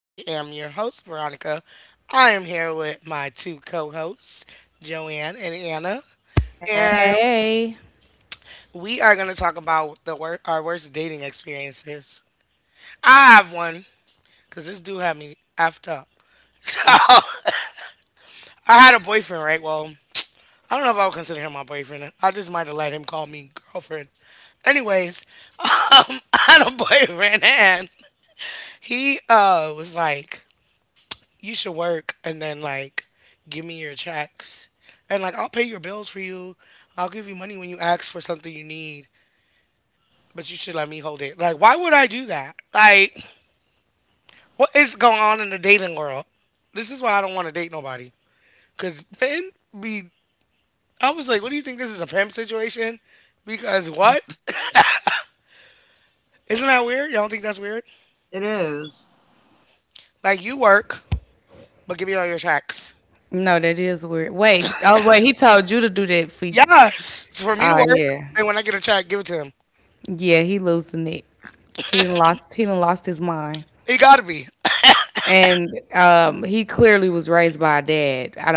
I am your host, Veronica. I am here with my two co hosts, Joanne and Anna, Okay. and Hey. we are going to talk about the our worst dating experiences. I have one because this dude had me effed up. So, I had a boyfriend, right? Well, I don't know if I would consider him my boyfriend. I just might have let him call me girlfriend. Anyways, I had a boyfriend, and he was like, you should work and then like give me your checks and like I'll pay your bills for you. I'll give you money when you ask for something you need, but you should let me hold it. Like why would I do that? Like what is going on in the dating world? This is why I don't want to date nobody cuz men be I was like, what do you think this is a pimp situation? Because Mhm. what? Isn't that weird? Y'all don't think that's weird? It is. Like you work, but give me all your checks. No, that is weird. Wait. Oh, wait. He told you to do that for. Yes, it's for me to Ah, work, yeah. and when I get a check, give it to him. Yeah, he losing it. He done lost. He done lost his mind. It gotta be. And He clearly was raised by a dad. I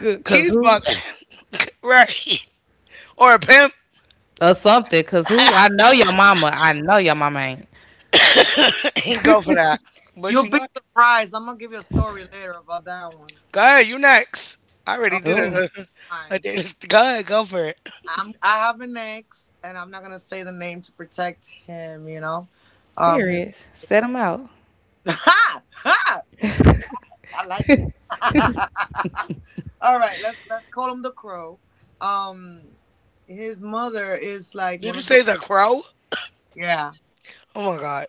don't. Cause He's who? bugging. Right. Or a pimp. Or something. Cause who? I know your mama. I know your mama ain't. And go for that. But You'll she be might. surprised. I'm gonna give you a story later about that one. Go ahead, you next. I already did Oh my Ooh. a, a god. date. Go ahead, go for it. I have an ex and I'm not gonna say the name to protect him, you know. His Period. Set him out. Ha! Ha! Oh you I like you. All right, let's call him the Crow. Um his mother is like Did one you of the say the crow? yeah. Oh my god.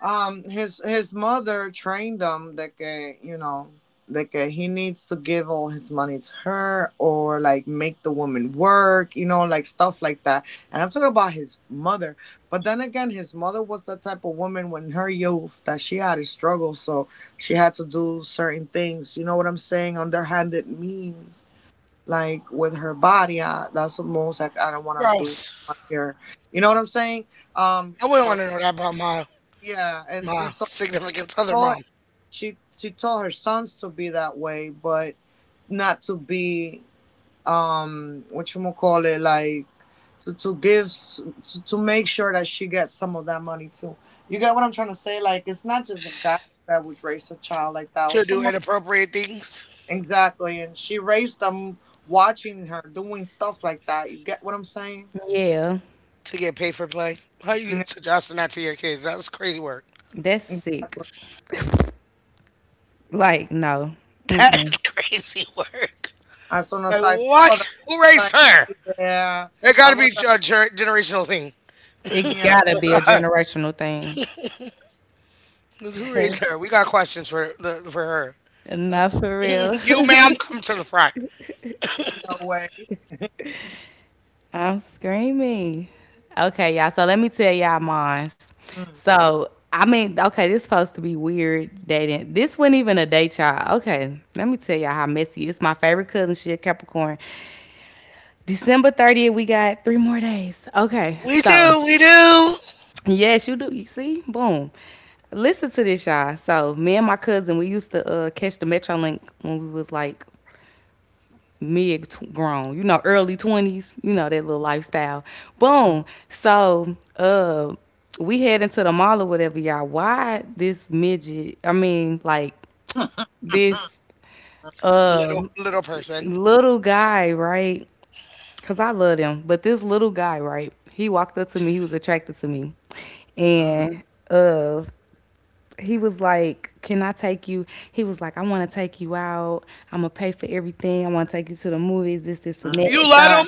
His mother trained him that you know that he needs to give all his money to her or like make the woman work, you know, like stuff like that. And I'm talking about his mother, but then again, his mother was the type of woman when her youth that she had to struggle, so she had to do certain things. You know what I'm saying? Underhanded means like with her body. That's the most like, I don't want to do Gross. right here. You know what I'm saying? Um, I wouldn't for want to know that about my yeah, and my so significant other mom. she told her sons to be that way, but not to be what you call it like to give to make sure that she gets some of that money too. You get what I'm trying to say? Like it's not just a guy that would raise a child like that. It To was do someone inappropriate things exactly, and she raised them watching her doing stuff like that. You get what I'm saying? Yeah. to get paid for play. How you Yeah, suggesting that to your kids? That's crazy work. That's sick. exactly. Like no. That Mm-mm. is crazy work. As soon Like as I saw what? that, Who I was raised like her? yeah, It got I to be was like a generational thing. It yeah, gotta be a generational thing. 'Cause who raised her? We got questions for the for her. mm, Not for real. Mm, you, ma'am, come to the front. no way. I'm screaming. Okay, y'all. So let me tell y'all mine. Mm, So this supposed to be weird dating. This wasn't even a date, y'all. Okay, let me tell y'all how messy. It's my favorite cousin. She a Capricorn. December 30th, we got three more days. Okay, We so do, we do. yes, you do. You see, boom. Listen to this, y'all. So me and my cousin, we used to catch the Metrolink when we was like mid grown, you know, early 20s, you know, that little lifestyle. mm, mm, Boom. So, we head into the mall or whatever, y'all. Why this midget? I mean, like this Little um little person. little guy, right? Cause I love him, but this little guy, right? He walked up to me. He was attracted to me, mm. and uh, he was like, "Can I take you?" He was like, "I want to take you out. I'm gonna pay for everything. I want to take you to the movies. This, and mm. You that." So let I, them?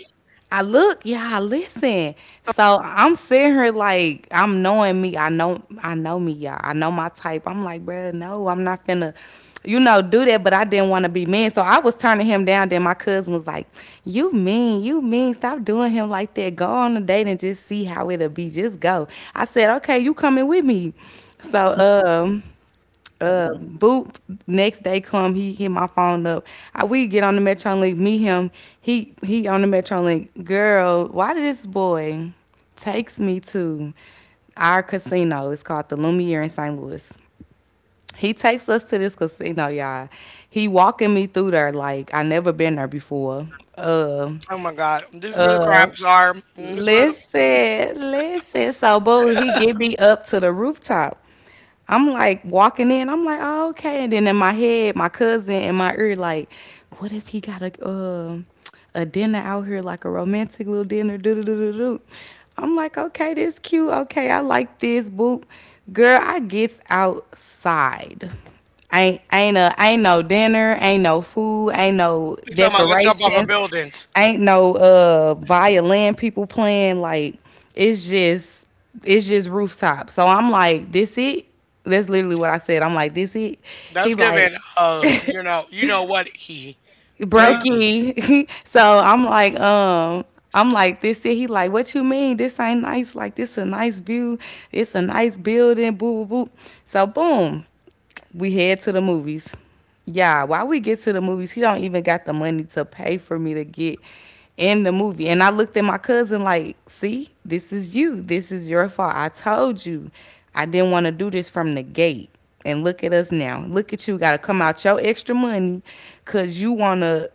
I look, yeah, I listen. So I'm sitting here like I'm knowing me. I know me, y'all. I know my type. I'm like, bruh, no, I'm not finna you know, do that, but I didn't want to be mean. So I was turning him down. Then my cousin was like, You mean, stop doing him like that. Go on a date and just see how it'll be. Just go." I said, "Okay, you coming with me." So Mm, boop, next day come, he hit my phone up. I, we get on the Metrolink, meet him. He on the Metrolink. Girl, why did this boy takes me to our casino? It's called the Lumiere in St. Louis. He takes us to this casino, y'all. He walking me through there like I never been there before. Uh, Oh my God. This is where the uh, crabs are. Mm, this is where the. listen, listen. So, boo, he get me up to the rooftop. I'm like walking in. I'm like, oh, okay. And then in my head, my cousin in my ear, like, what if he got a dinner out here, like a romantic little dinner? Do do do do do. I'm like, okay, this cute. Okay, I like this. Boop, girl. I gets outside. Ain't no dinner, ain't no food, ain't no He's talking about let's jump off of decorations, buildings. ain't no violin people playing. Like it's just it's just rooftop. So I'm like, this it. That's literally what I said. I'm like, this it. That's He like giving, you know what? He. Gravy. brokey. So I'm like, this it. He like, what you mean? This ain't nice. Like, this a nice view. It's a nice building. Boo boo boo. So boom, we head to the movies. Yeah, while we get to the movies, he don't even got the money to pay for me to get in the movie. And I looked at my cousin like, see, this is you. This is your fault. I told you. I didn't want to do this from the gate. And look at us now. Look at you. Got to come out your extra money because you want to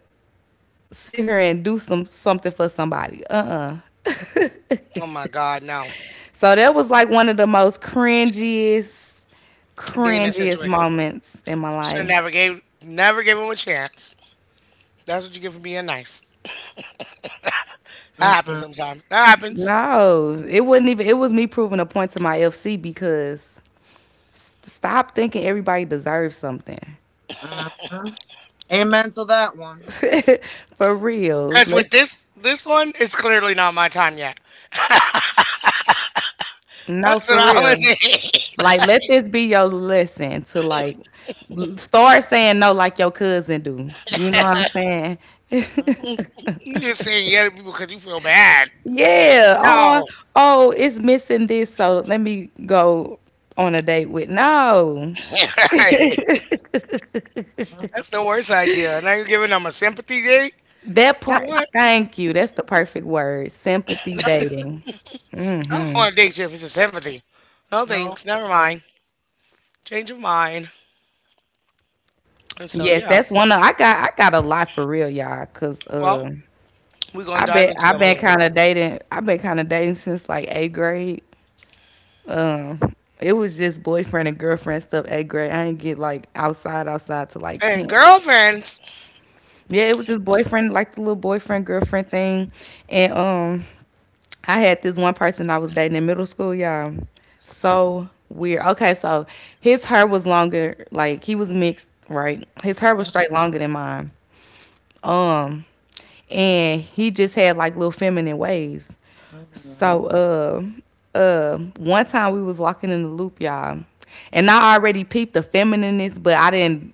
sit here and do some something for somebody. Uh. Oh my God, no. So that was like one of the most cringiest, Dating cringiest situation. moments in my Should life. never gave, never give him a chance. That's what you get for being nice. That mm, happens mm, sometimes. That happens. No, it wasn't even. It was me proving a point to my FC because stop thinking everybody deserves something. mm, mm. Amen to that one. For real. Cause Let with this, this one, it's clearly not my time yet. no, That's what for I would. real. Need. Like, let this be your lesson to like start saying no like your cousin do. You know what I'm saying? Mm, You just saying you other people because you feel bad. Yeah. No. Or oh, it's missing this, so let me go on a date with no. Right. mm. That's the worst idea. Now you're giving them a sympathy date? That Yeah. part. What? Thank you. That's the perfect word. Sympathy dating. I don't Hmm. want to date you if it's a sympathy. No No thanks. Never way. mind. Change of mind. And so, Yes, yeah. that's one of. I got a lot for real, y'all. Cause Well, we're going I to dive bet. into them a little bit. I've been kind of dating since like eighth grade. Um, it was just boyfriend and girlfriend stuff. At grade, I didn't get like outside to like And 10. girlfriends. Yeah, it was just boyfriend, like the little boyfriend girlfriend thing, and I had this one person I was dating in middle school, y'all. So weird. Okay, so his hair was longer, like he was mixed, right? His hair was Mm, straight longer than mine. Um, and he just had like little feminine ways. mm, So one time we was walking in the loop, y'all, and I already peeped the feminineness, but I didn't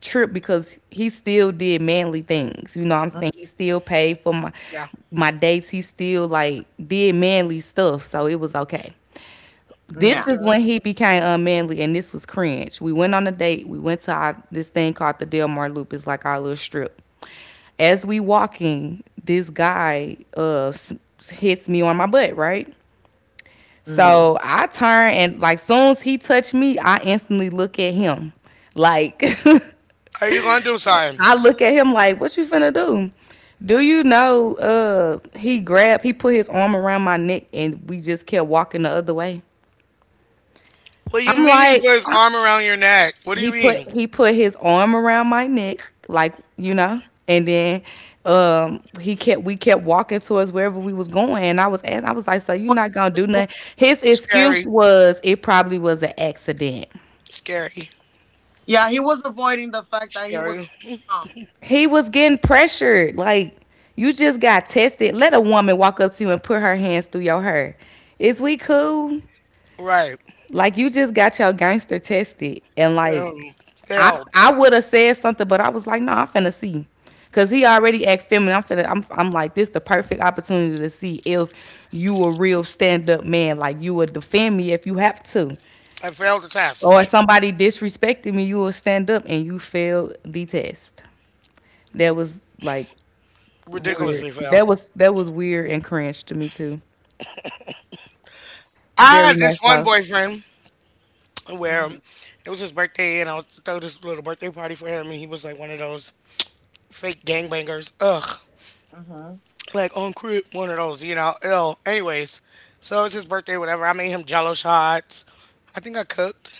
trip because he still did manly things. You know what I'm mm. saying? He still paid for Yeah. my dates. He still like did manly stuff, so it was okay. This Yeah. is Okay. when he became unmanly, and this was cringe. We went on a date. We went to our, this thing called the Delmar Loop. It's like our little strip. As we walking, this guy hits me on my butt, right? Mm. So I turn and like soon as he touched me, I instantly look at him. Like Are you going to do something? I look at him like, what you finna do? Do you know he grabbed, he put his arm around my neck, and we just kept walking the other way. What do you I'm mean he like, put his arm around your neck? What do you mean? he put his arm around my neck, like you know, and then he kept, we kept walking towards wherever we was going, and I was asking, I was like, "So you not gonna do nothing?" His excuse Scary. was it probably was an accident. Scary. Yeah, he was avoiding the fact that he was Scary. dumb. He was getting pressured, like you just got tested. Let a woman walk up to you and put her hands through your hair. Is we cool? Right. Like you just got your gangster tested, and like Um, I Failed. I would have said something, but I was like, no, nah, I'm finna see, cause he already act feminine. I'm finna I'm like this the perfect opportunity to see if you a real stand up man. Like you would defend me if you have to, I failed the or test. if somebody disrespected me, you will stand up and you failed the test. That was like Ridiculously weird. failed. That was weird and cringe to me too. I Very had much this one so. boyfriend where Mm, it was his birthday and I was throw this little birthday party for him and he was like one of those fake gangbangers. Ugh. mm-hmm. Like on crib, one of those, you know. Ill. Anyways, so it was his birthday, whatever. I made him jello shots. I think I cooked.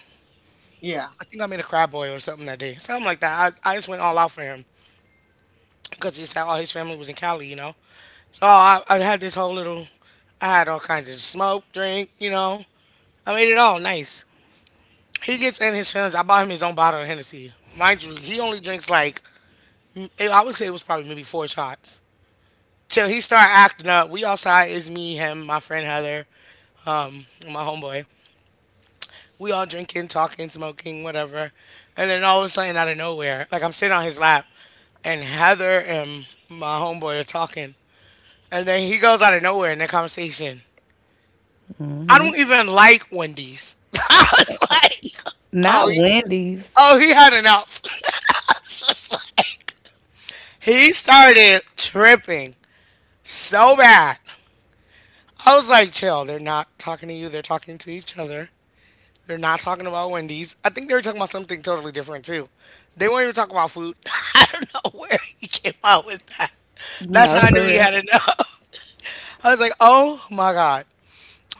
Yeah. I think I made a crab boil or something that day. Something like that. I just went all out for him because he said all his family was in Cali, you know. So I had this whole little, I had all kinds of smoke, drink, you know. I made it all nice. He gets in his feelings. I bought him his own bottle of Hennessy. Mind you, he only drinks like I would say it was probably maybe four shots. Till he started acting up. We outside is me, him, my friend Heather, and my homeboy. We all drinking, talking, smoking, whatever. And then all of a sudden out of nowhere, like I'm sitting on his lap and Heather and my homeboy are talking. And then he goes out of nowhere in that conversation. I don't even like Wendy's. I was like, Not oh, he- Wendy's. oh, he had enough. I was just like, he started tripping so bad. I was like, chill, they're not talking to you, they're talking to each other. They're not talking about Wendy's. I think they were talking about something totally different too. They weren't even talking about food. I don't know where he came out with that. That's No, how I knew for he real. had enough. I was like, oh my God.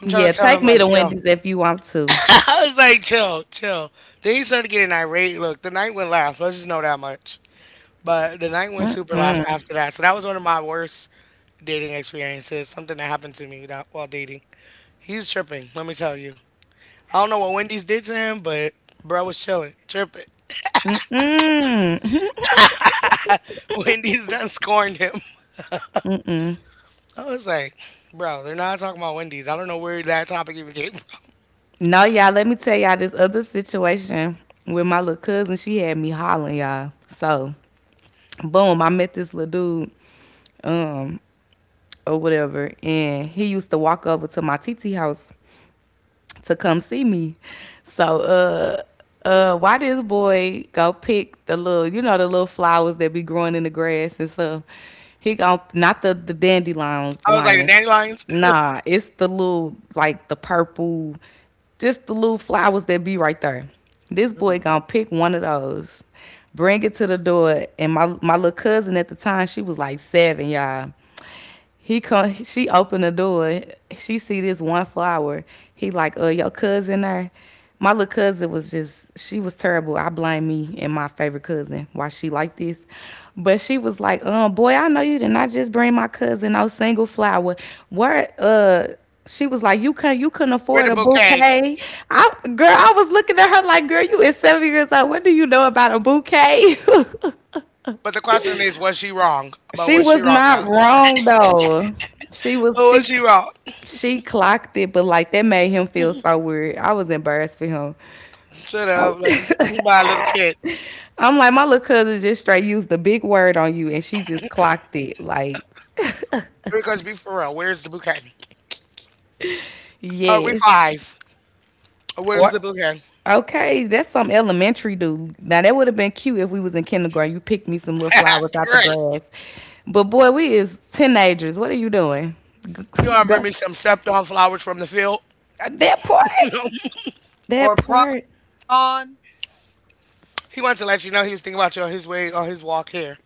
I'm trying Yeah, to tell take him, me like, to chill. Wendy's if you want to. I was like, chill. Then he started getting irate. Look, the night went left. Let's just know that much. But the night went super life Mm-mm. after that. So that was one of my worst dating experiences. Something that happened to me without, while dating. He was tripping, let me tell you. I don't know what Wendy's did to him, but bro was chilling, tripping. Wendy's done scorned him. I was like, bro, they're not talking about Wendy's. I don't know where that topic even came from. No, y'all, let me tell y'all this other situation with my little cousin. She had me hollering, y'all. So, boom, I met this little dude, um, or whatever, and he used to walk over to my TT house to come see me. So why this boy go pick the little, you know, the little flowers that be growing in the grass and stuff. He gon', not the dandelions I was like, the lion. dandelions, Nah, it's the little like the purple, just the little flowers that be right there. This boy Mm. gonna pick one of those, bring it to the door, and my little cousin at the time, she was like 7, y'all. He come. She opened the door. She see this one flower. He like, your cousin there? My little cousin was just. She was terrible. I blame me and my favorite cousin why she like this. But she was like, boy, I know you did not just bring my cousin no single flower. Where. She was like, "You can you couldn't where the afford a bouquet? bouquet?" I, girl, I was looking at her like, "Girl, you is 7 years old. What do you know about a bouquet?" But the question is, was she wrong? But She was she was wrong not now? wrong though. She was Oh, was she wrong? she clocked it, but like that made him feel so weird. I was embarrassed for him. Shut I'm, up, like by a little kid. I'm like, my little cousin just straight used the big word on you and she just clocked it. Like, Because be for real, where's the bouquet? Are we yes. five? Where's Or the bouquet? okay, that's some elementary dude. Now that would have been cute if we was in kindergarten. You picked me some little flowers out the Right. grass. But boy, we is teenagers. What are you doing? G- You want to g- bring me some stepped on flowers from the field? That part. He That Or probably part. gone. wants to let you know he was thinking about you on his way, on his walk here.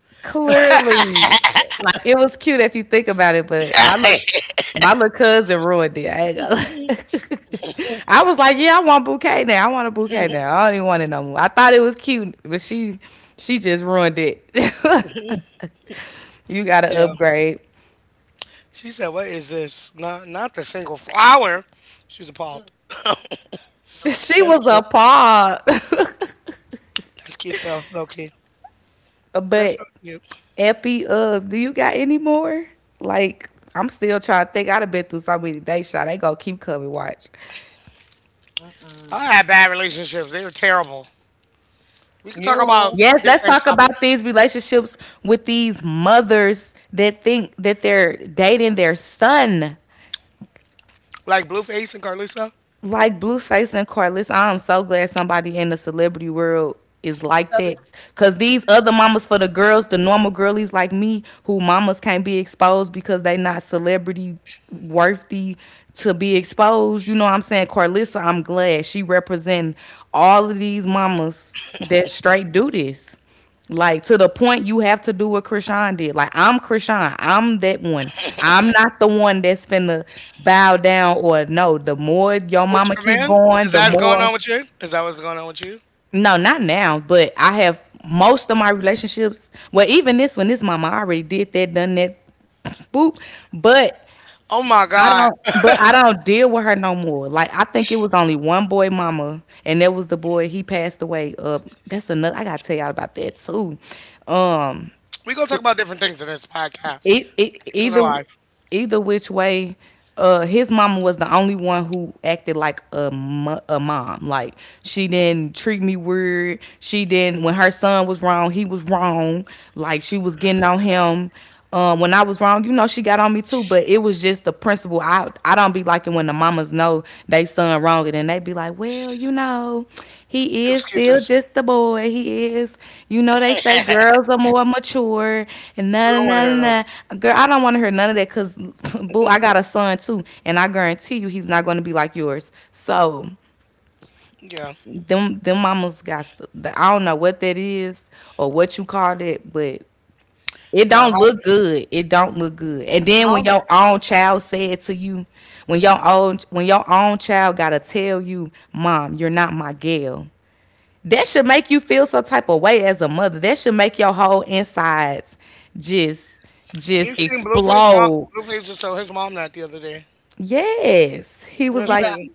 Clearly, like it was cute if you think about it, but my look, my little cousin ruined it. I ain't gonna lie. I was like, yeah, I want bouquet now. I want a bouquet now. I don't even want it no more. I thought it was cute, but she just ruined it. You got to Yeah. upgrade. She said, what is this? Not the single flower. She was Mm. appalled. No way. She That's was cute. appalled. That's cute, though. Okay. That's so But cute. Epi, do you got any more? Like, I'm still trying to think. I'd have been through so many dates, shot. They gonna keep coming. Watch. I Mm-mm. had bad relationships. They were terrible. We could talk about You. Yes, let's different talk topics, about these relationships with these mothers that think that they're dating their son. like Blueface and Carlisa. Like Blueface and Carlos, I'm so glad somebody in the celebrity world is like That is that. Cause disgusting. these other mamas for the girls, the normal girlies like me, who mamas can't be exposed because they not celebrity worthy to be exposed. You know what I'm saying? Carlissa, I'm glad she representing all of these mamas that straight do this. Like to the point you have to do what Krishan did. Like I'm Krishan. I'm that one. I'm not the one that's finna bow down or no. The more your With mama your keep man? going, Is the that what's going on more with you? Is that what's going on with you? no, not now, but I have most of my relationships. Well, even this one, this mama I already did that, done that, boop. But Oh my God. But I don't deal with her no more. Like I think it was only one boy mama and that was the boy he passed away. That's another I gotta tell y'all about that too. Um, We gonna talk about different things in this podcast. Things in their either life. Which way his mama was the only one who acted like a, a mom. Like she didn't treat me weird, she didn't, when her son was wrong he was wrong, like she was getting on him. When I was wrong, you know, she got on me too, but it was just the principle. I out. I don't be liking when the mamas know they son wrong and then they be like, well, you know, he is still Excuses. just a boy. He is, you know, they say girls are more mature and We na don't na wanna na hear those. na. Na. Girl, I don't want to hear none of that because, boo, I got a son too, and I guarantee you he's not going to be like yours. So Yeah. them mamas got. I don't know what that is or what you call it, but it Nah, don't mom look good. It don't look good. And then when mom your own child said to you, when your own child gotta tell you, Mom, you're not my girl. That should make you feel some type of way as a mother. That should make your whole insides just you just seen Blueface mom explode. Blueface just told his mom that the other day. Yes. He was That's like, Mira, crazy.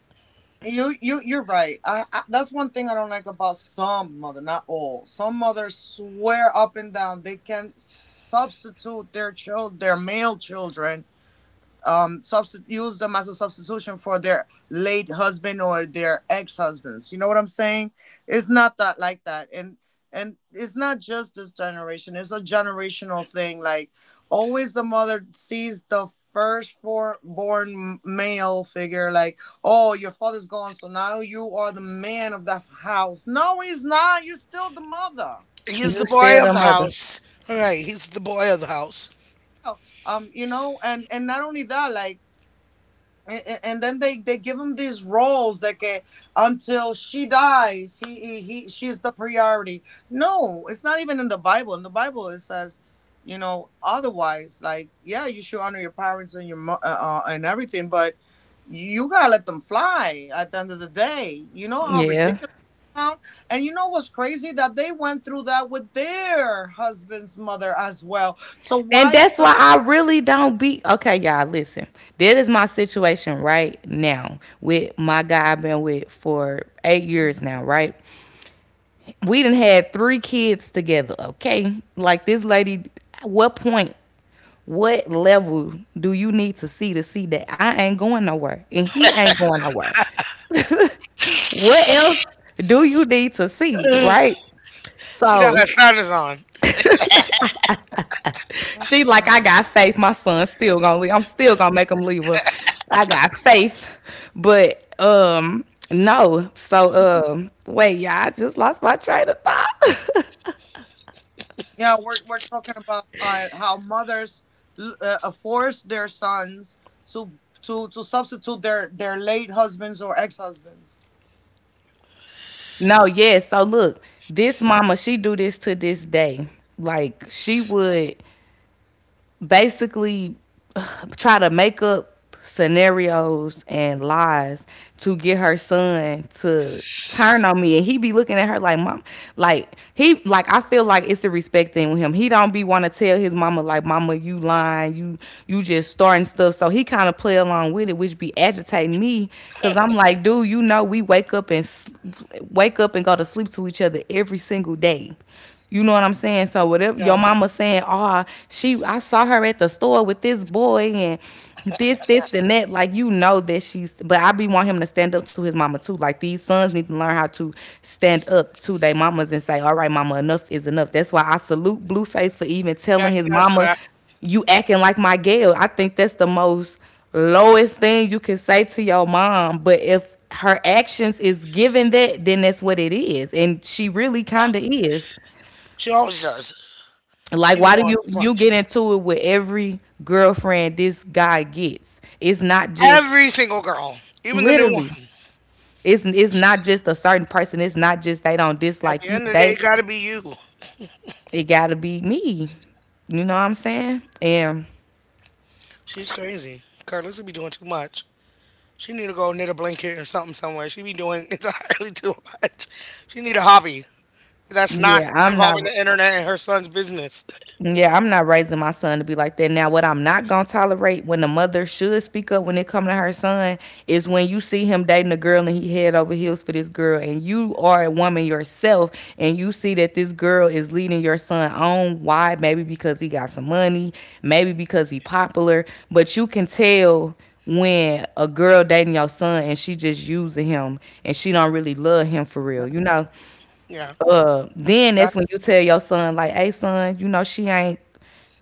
you you're right. I that's one thing I don't like about some mother, not all. Some mothers swear up and down they can substitute their child, their male children substitute use them as a substitution for their late husband or their ex-husbands, you know what I'm saying? It's not that like that, and it's not just this generation, it's a generational thing, like always the mother sees the first for born male figure, like, oh, your father's gone, so now you are the man of that house. No, he's not, you're still the mother. He's You the still boy of the the mother. house. All right, he's the boy of the house. Oh, you know, and not only that, like and then they give him these roles that get until she dies he, he she's the priority. No, it's not even in the Bible. In the Bible it says, you know, otherwise, like, yeah, you should honor your parents and your and everything, but you gotta let them fly at the end of the day. You know how Yeah. ridiculous that sound? And you know what's crazy, that they went through that with their husband's mother as well, so And why that's could why I really don't be okay, y'all. Listen, that is my situation right now with my guy I've been with for 8 years now, right? We done had three kids together, okay? Like this lady, at what point, what level do you need to see that I ain't going nowhere and he ain't going nowhere? what else do you need to see, Ugh. right? She got her So sneakers on. she like, I mm-hmm. got faith. My son's still gonna leave. I'm still gonna make him leave. Her. I got faith, but um no. So wait, y'all, I just lost my train of thought. Yeah, we're talking about how mothers force their sons to to substitute their late husbands or ex husbands. no, yes. So look, this mama, she do this to this day. Like she would basically try to make up scenarios and lies to get her son to turn on me and he be looking at her like, Mom. Like he like, I feel like it's a respect thing with him. He don't be want to tell his mama like, Mama, you lying, you just starting stuff. So he kind of play along with it, which be agitating me because I'm like, dude, you know we wake up and wake up and go to sleep to each other every single day. You know what I'm saying? So whatever Yeah. your mama saying, oh, she, I saw her at the store with this boy and this, and that, like you know that she's, but I be want him to stand up to his mama too. Like these sons need to learn how to stand up to their mamas and say, All right, mama, enough is enough. That's why I salute Blueface for even Yeah, telling she his does mama, that. You acting like my girl. I think that's the most lowest thing you can say to your mom. But if her actions is given that, then that's what it is. And she really kinda Yeah. is. She always does. Like, She be why do doing too you much. get into it with every girlfriend this guy gets? It's not just Every single girl, even the new literally. one. It's not just a certain person. It's not just they don't At dislike the you. end of the day, They it gotta be you. it gotta be me. You know what I'm saying? And She's crazy. Carlos would be doing too much. She need to go knit a blanket or something somewhere. She be doing entirely too much. She need a hobby that's not yeah, I'm not. involving the internet and her son's business. Yeah, I'm not raising my son to be like that. Now, what I'm not gonna tolerate when the mother should speak up when it come to her son is when you see him dating a girl and he head over heels for this girl, and you are a woman yourself, and you see that this girl is leading your son on. Why? Maybe because he got some money, maybe because he popular, but you can tell when a girl dating your son and she just using him and she don't really love him for real, you know. Yeah, That's Then that's when you tell your son like, "Hey, son, you know she ain't."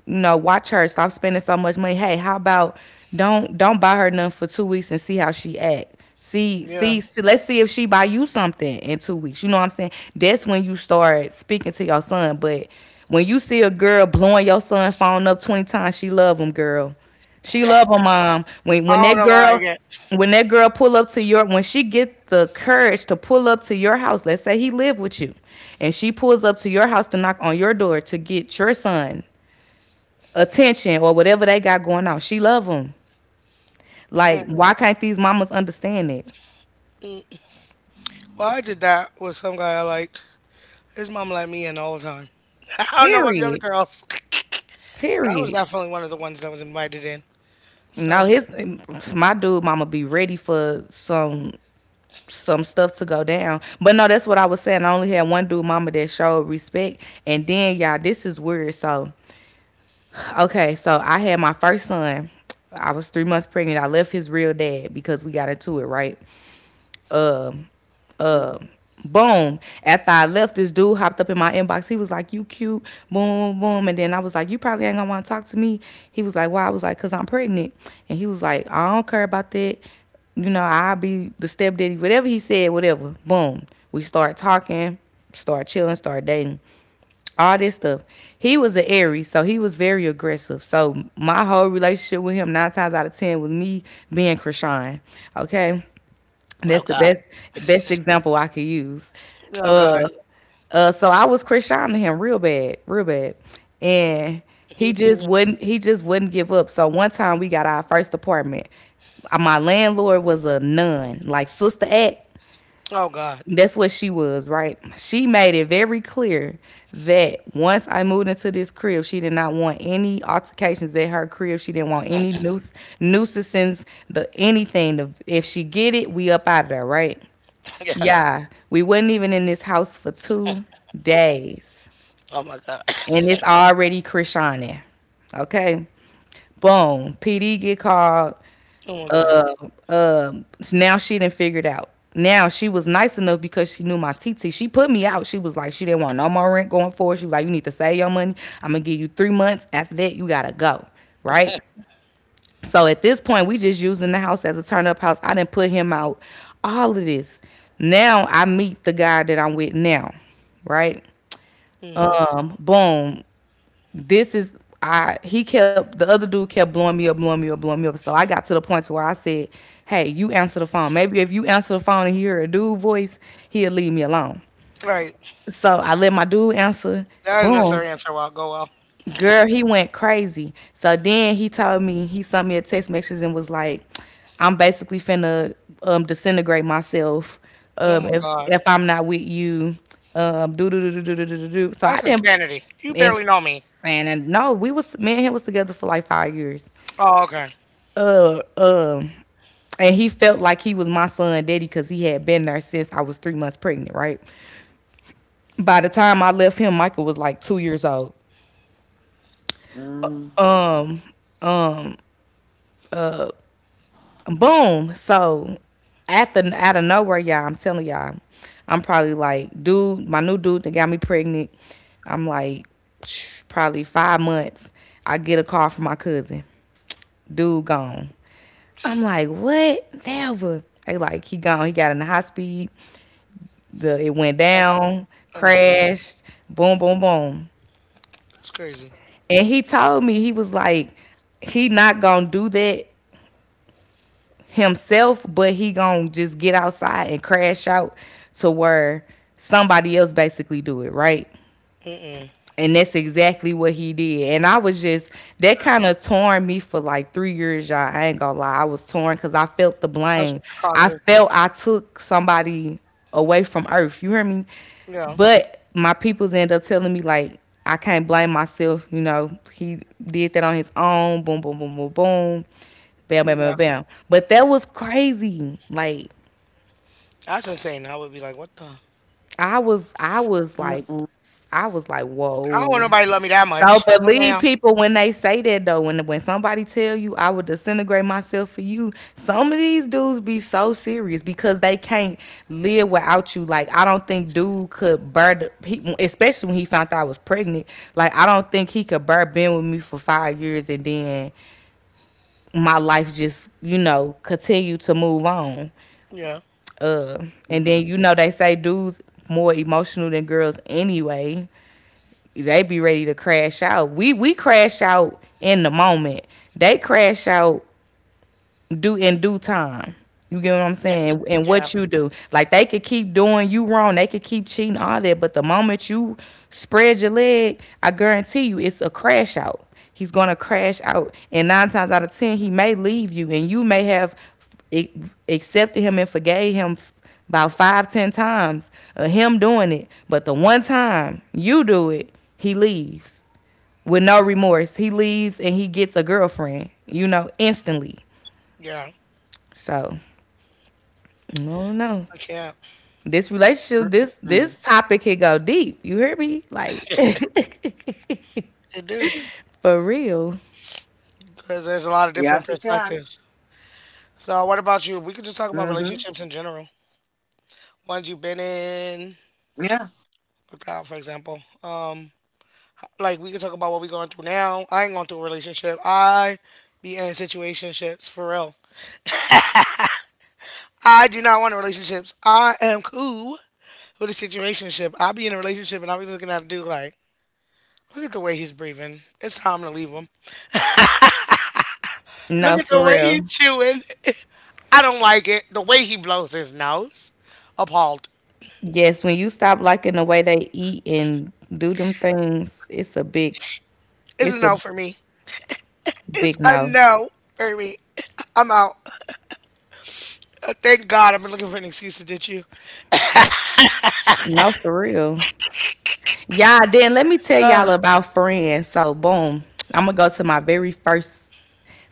You know, watch her. Stop spending so much money. Hey, how about don't buy her nothing for 2 weeks and see how she act. Yeah. See, let's see if she buy you something in 2 weeks. You know what I'm saying? That's when you start speaking to your son. But when you see a girl blowing your son phone up 20 times, she love him, girl. She love her mom. When I when don't that know why I girl get. Pull up to your, when she get the courage to pull up to your house, let's say he live with you, and she pulls up to your house to knock on your door to get your son attention or whatever they got going on. She love them. Like, Mm. why can't these mamas understand it? Well, I did that with some guy I liked. His mom let me in all the time. I don't know about the other Period. girls, but I was Period. definitely one of the ones that was invited in. So, No, his, my dude mama be ready for some stuff to go down. But no, that's what I was saying. I only had one dude mama that showed respect. And then y'all, this is weird. So okay, so I had my first son. I was 3 months pregnant. I left his real dad because we got into it, right? Uh, uh boom. After I left, this dude hopped up in my inbox. He was like, You cute, boom, boom, boom. And then I was like, You probably ain't gonna wanna talk to me. He was like, Why? I was like, Cause I'm pregnant. And he was like, I don't care about that. You know, I'll be the stepdaddy, whatever he said, whatever. Boom. We start talking, start chilling, start dating. All this stuff. He was an Aries, so he was very aggressive. So my whole relationship with him, nine times out of ten, was me being Krishan. Okay. And oh that's the god, best example I could use. oh god, Uh, so I was Krishan him real bad, and mm-mm. He just wouldn't give up. So one time we got our first apartment. My landlord was a nun, like Sister Act. Oh god, That's what she was, right? She made it very clear that once I moved into this crib, she did not want any altercations at her crib. She didn't want any nuisances, the anything. The, if she get it, we up out of there, right? yeah, Yeah, we wasn't even in this house for 2 days, oh my god, and it's already Krishani. Okay, boom. PD get called. oh my god. Uh, uh. Now she didn't figure it out. Now she was nice enough because she knew my TT. She put me out. She was like, she didn't want no more rent going forward. She was like, you need to save your money. I'm gonna give you 3 months. After that, you gotta go. Right? So at this point, we just using the house as a turn up house. I didn't put him out. All of this. Now I meet the guy that I'm with now, right? Mm. Boom. This is I. He kept, the other dude kept blowing me up, blowing me up, blowing me up. So I got to the point to where I said, "Hey, you answer the phone. Maybe if you answer the phone and hear a dude voice, he'll leave me alone." Right, So I let my dude answer. that didn't Boom. necessarily answer well. Go well. Girl, he went crazy. So then he told me, he sent me a text message and was like, "I'm basically finna disintegrate myself Oh my god. if I'm not with you." Do do do do do do do do. So I That's didn't. insanity. You And barely know me. saying and no, we was, me and him was together for like 5 years. Oh, okay. Uh, um, and he felt like he was my son daddy because he had been there since I was 3 months pregnant. Right. By the time I left him, Michael was like 2 years old. Mm, Boom. So at the out of nowhere, y'all, I'm telling y'all, I'm probably like, dude, my new dude that got me pregnant. I'm like, probably 5 months. I get a call from my cousin. Dude gone. I'm like, what? Never. They like he gone. He got in the high speed. The it went Accurate. down, Oh my god, crashed. Boom, boom, boom. that's crazy. And he told me he was like, he not gonna do that himself, but he gonna just get outside and crash out to where somebody else basically do it, right? Mm-mm. And that's exactly what he did. And I was just, that kind of torn me for like 3 years, y'all. I ain't gonna lie. I was torn because I felt the Mess blame. with your I conscience. felt I took somebody away from earth. You hear me? Yeah, But my peoples end up telling me, like, I can't blame myself. You know, he did that on his own. Boom, boom, boom, boom, boom. Bam, bam, bam, yeah. bam. But that was crazy. Like, That's insane. I would be like, what the? I was, I mm, was mm, like, I was like, I don't want whoa. nobody to love me that So much. No, believe ma'am. people when they say that though. When somebody tell you I would disintegrate myself for you, some of these dudes be so serious because they can't live without you. Like I don't think dude could bear, he, especially when he found out I was pregnant. Like I don't think he could bear being with me for 5 years and then my life just you know continue to move on. Yeah, Uh, mm, and then you know they say dudes more emotional than girls anyway they be ready to crash out. We crash out in the moment. They crash out do in due time. You get what I'm yeah, saying? And yeah, what you do. Like they could keep doing you wrong. They could keep cheating, all that. But the moment you spread your leg, I guarantee you it's a crash out. He's gonna crash out. And nine times out of ten, he may leave you and you may have e-, accepted him and forgave him about five, ten times of him doing it. But the one time you do it, he leaves with no remorse. He leaves and he gets a girlfriend, you know, instantly. yeah. So no, no, no. I can't. This mm, relationship, this mm. this topic can go deep. You hear me? Like It do for real. because there's a lot of Yes, different it can. perspectives. So, what about you? We could just hmm talk about relationships in general. Ones you've been in, Yeah, looked out, for example. Like we could talk about what we going through now. I ain't going through a relationship. I be in situationships for real. I do not want relationships. I am cool with a situationship. I'll be in a relationship and I'll be looking at a dude like, look at the way he's breathing. It's time to leave him. Look No, at the for way he's real. chewing. I don't like it. The way he blows his nose. Appalled. Yes, when you stop liking the way they eat and do them things, It's a it's a no for me. It's big a no. no for me. I'm out. Thank God I've been looking for an excuse to ditch you. No, for real. Yeah, then let me tell Uh, y'all about friends. So boom, I'm gonna go to my very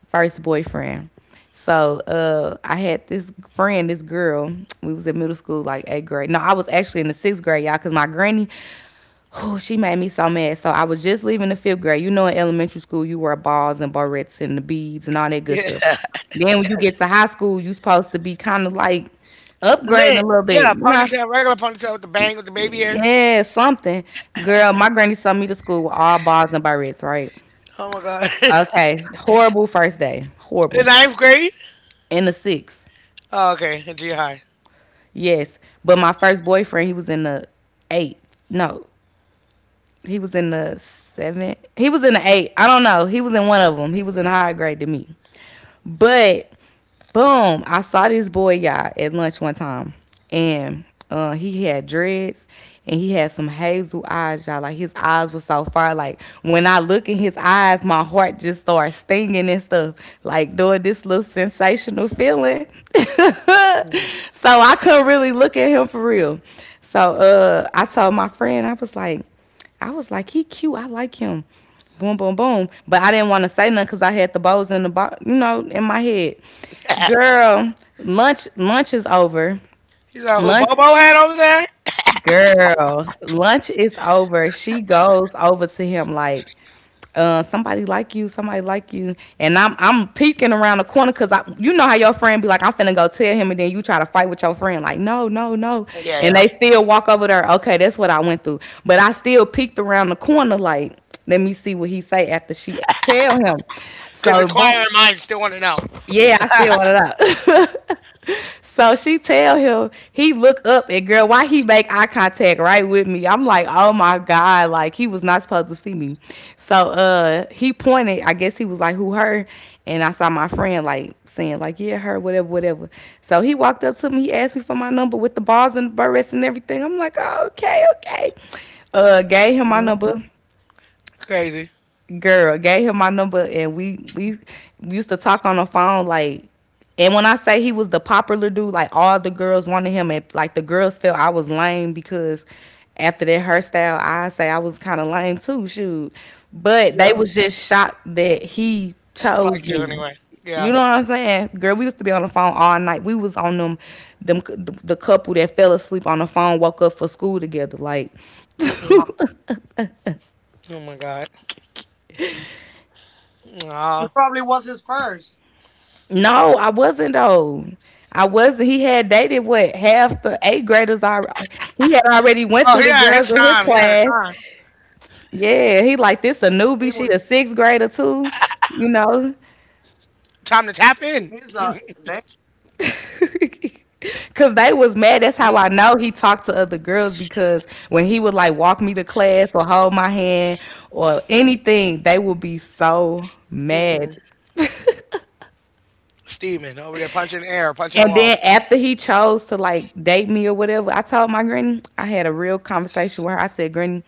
first boyfriend. So I had this friend, this girl. We was in middle school, like eighth grade. No, I was actually in the sixth grade, y'all, cause my granny, whew, she made me so mad. So I was just leaving the fifth grade. You know, in elementary school, you wear balls and barrettes and the beads and all that good yeah. stuff. Then when you get to high school, you supposed to be kind of like upgrading Lit. a little bit, Yeah, you know. ponytail, regular ponytail with the bang with the baby hairs. Yeah, something. Girl, my granny sent me to school with all bars and barrettes, right? Oh my God. Okay. Horrible first day. In Horrible. ninth grade? In the sixth. Oh, okay. In junior high. Yes. But my first boyfriend, he was in the eighth. No, he was in the seventh. He was in the eighth. I don't know. He was in one of them. He was in a higher grade than me. But boom, I saw this boy y'all at lunch one time, and he had dreads and he had some hazel eyes, y'all. Like his eyes were so far. Like when I look in his eyes, my heart just starts stinging and stuff. Like doing this little sensational feeling. Mm. So I couldn't really look at him for real. So I told my friend, I was like, he cute. I like him. Boom, boom, boom. But I didn't want to say nothing because I had the bows in the you know, in my head. Girl, lunch is over. He's like, who Lunch Bobo had over there? Girl, lunch is over. She goes over to him like, somebody like you, and I'm peeking around the corner because I, you know how your friend be like, I'm finna go tell him, and then you try to fight with your friend like, no, no, no, Yeah, and yeah. they still walk over there. Okay, that's what I went through, but I still peeked around the corner like, let me see what he say after she tell him. Because So inquiring boom. minds still want to know. Yeah, I still want it out. So she tell him he look up and girl, why he make eye contact right with me? I'm like, oh my god, like he was not supposed to see me. So he pointed. I guess he was like, who her? And I saw my friend like saying like, yeah, her, whatever, whatever. So he walked up to me. He asked me for my number with the balls and the barrettes and everything. I'm like, okay, okay. Gave him my number Mm, mm. Crazy. girl gave him my number and we used to talk on the phone like and when I say he was the popular dude, like all the girls wanted him and like the girls felt I was lame because after that hairstyle, I say I was kind of lame too, shoot. But they Yeah. was just shocked that he chose Like you me. anyway. You Yeah. know what I'm saying? Girl, we used to be on the phone all night. We was on them the couple that fell asleep on the phone, woke up for school together like Mm-mm. Oh, Oh my God. he Aw. probably was his first. no, I wasn't though. I wasn't. He had dated what half the eighth graders already. He had already went Oh, through the yeah, girls his in his time. He had a class. time. Yeah, he like this a newbie. He She a was. sixth grader too. You know, Time to tap in. He's. They, cause they was mad. That's how I he's know been he talked to other girls because when he would like walk me to class or hold my hand or anything, they would be so mad. Mm-mm. Steaming over there, punching the air, punching the And wall. then after he chose to like date me or whatever, I told my granny, I had a real conversation with her. I said, Granny,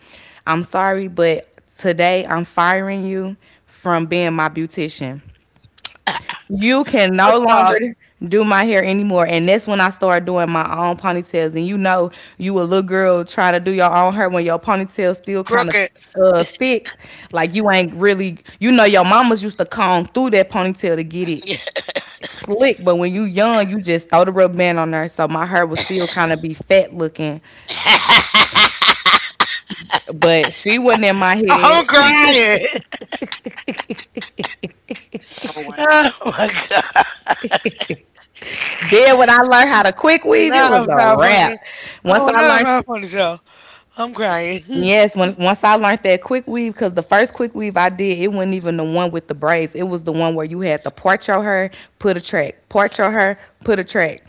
I'm sorry, but today I'm firing you from being my beautician. You can What no longer the? do my hair anymore. And that's when I started doing my own ponytails. And you know, you a little girl trying to do your own hair when your ponytail still kind of Crooked. Thick. Like you ain't really you know your mamas used to comb through that ponytail to get it Yeah. slick, but when you young, you just throw the rubber band on there. So my hair would still kind of be fat looking, but she wasn't in my head. I'm crying. Oh my God. Then when I learned how to quick weave, it was Not a a wrap. 500. Once Oh, I not a learned, 500 show. I'm crying. yes, when, once I learned that quick weave, because the first quick weave I did, it wasn't even the one with the braids. It was the one where you had to part your hair, put a track, part your hair, put a track.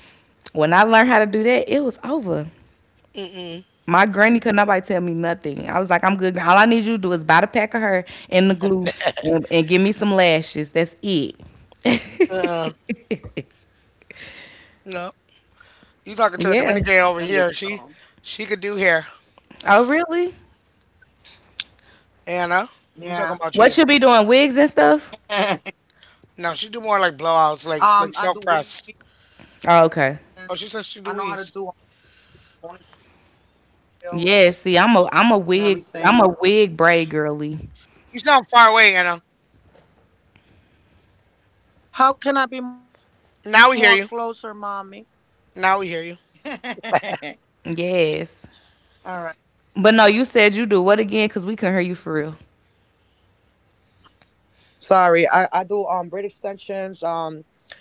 When I learned how to do that, it was over. Mm-mm. My granny could nobody tell me nothing. I was like, I'm good. All I need you to do is buy the pack of her and the glue and give me some lashes. That's it. Uh-uh. No. You talking to a Yeah. sending. Dominican over So here. She could do hair. Oh, really? Anna, yeah. we talking about What you. you be doing? Wigs and stuff? No, she do more like blowouts, I like do like weave. silk press. Oh, okay. Oh, she I says know she how do to do weaves. ponytails Yeah, see, and everything. I'm a wig braid girly. You sound far away, Anna. How can I be more Now we hear closer, you. mommy? Now we hear you. All Yes. right. But no, you said you do what again? Cause we couldn't hear you for real. Sorry, I do braid extensions, um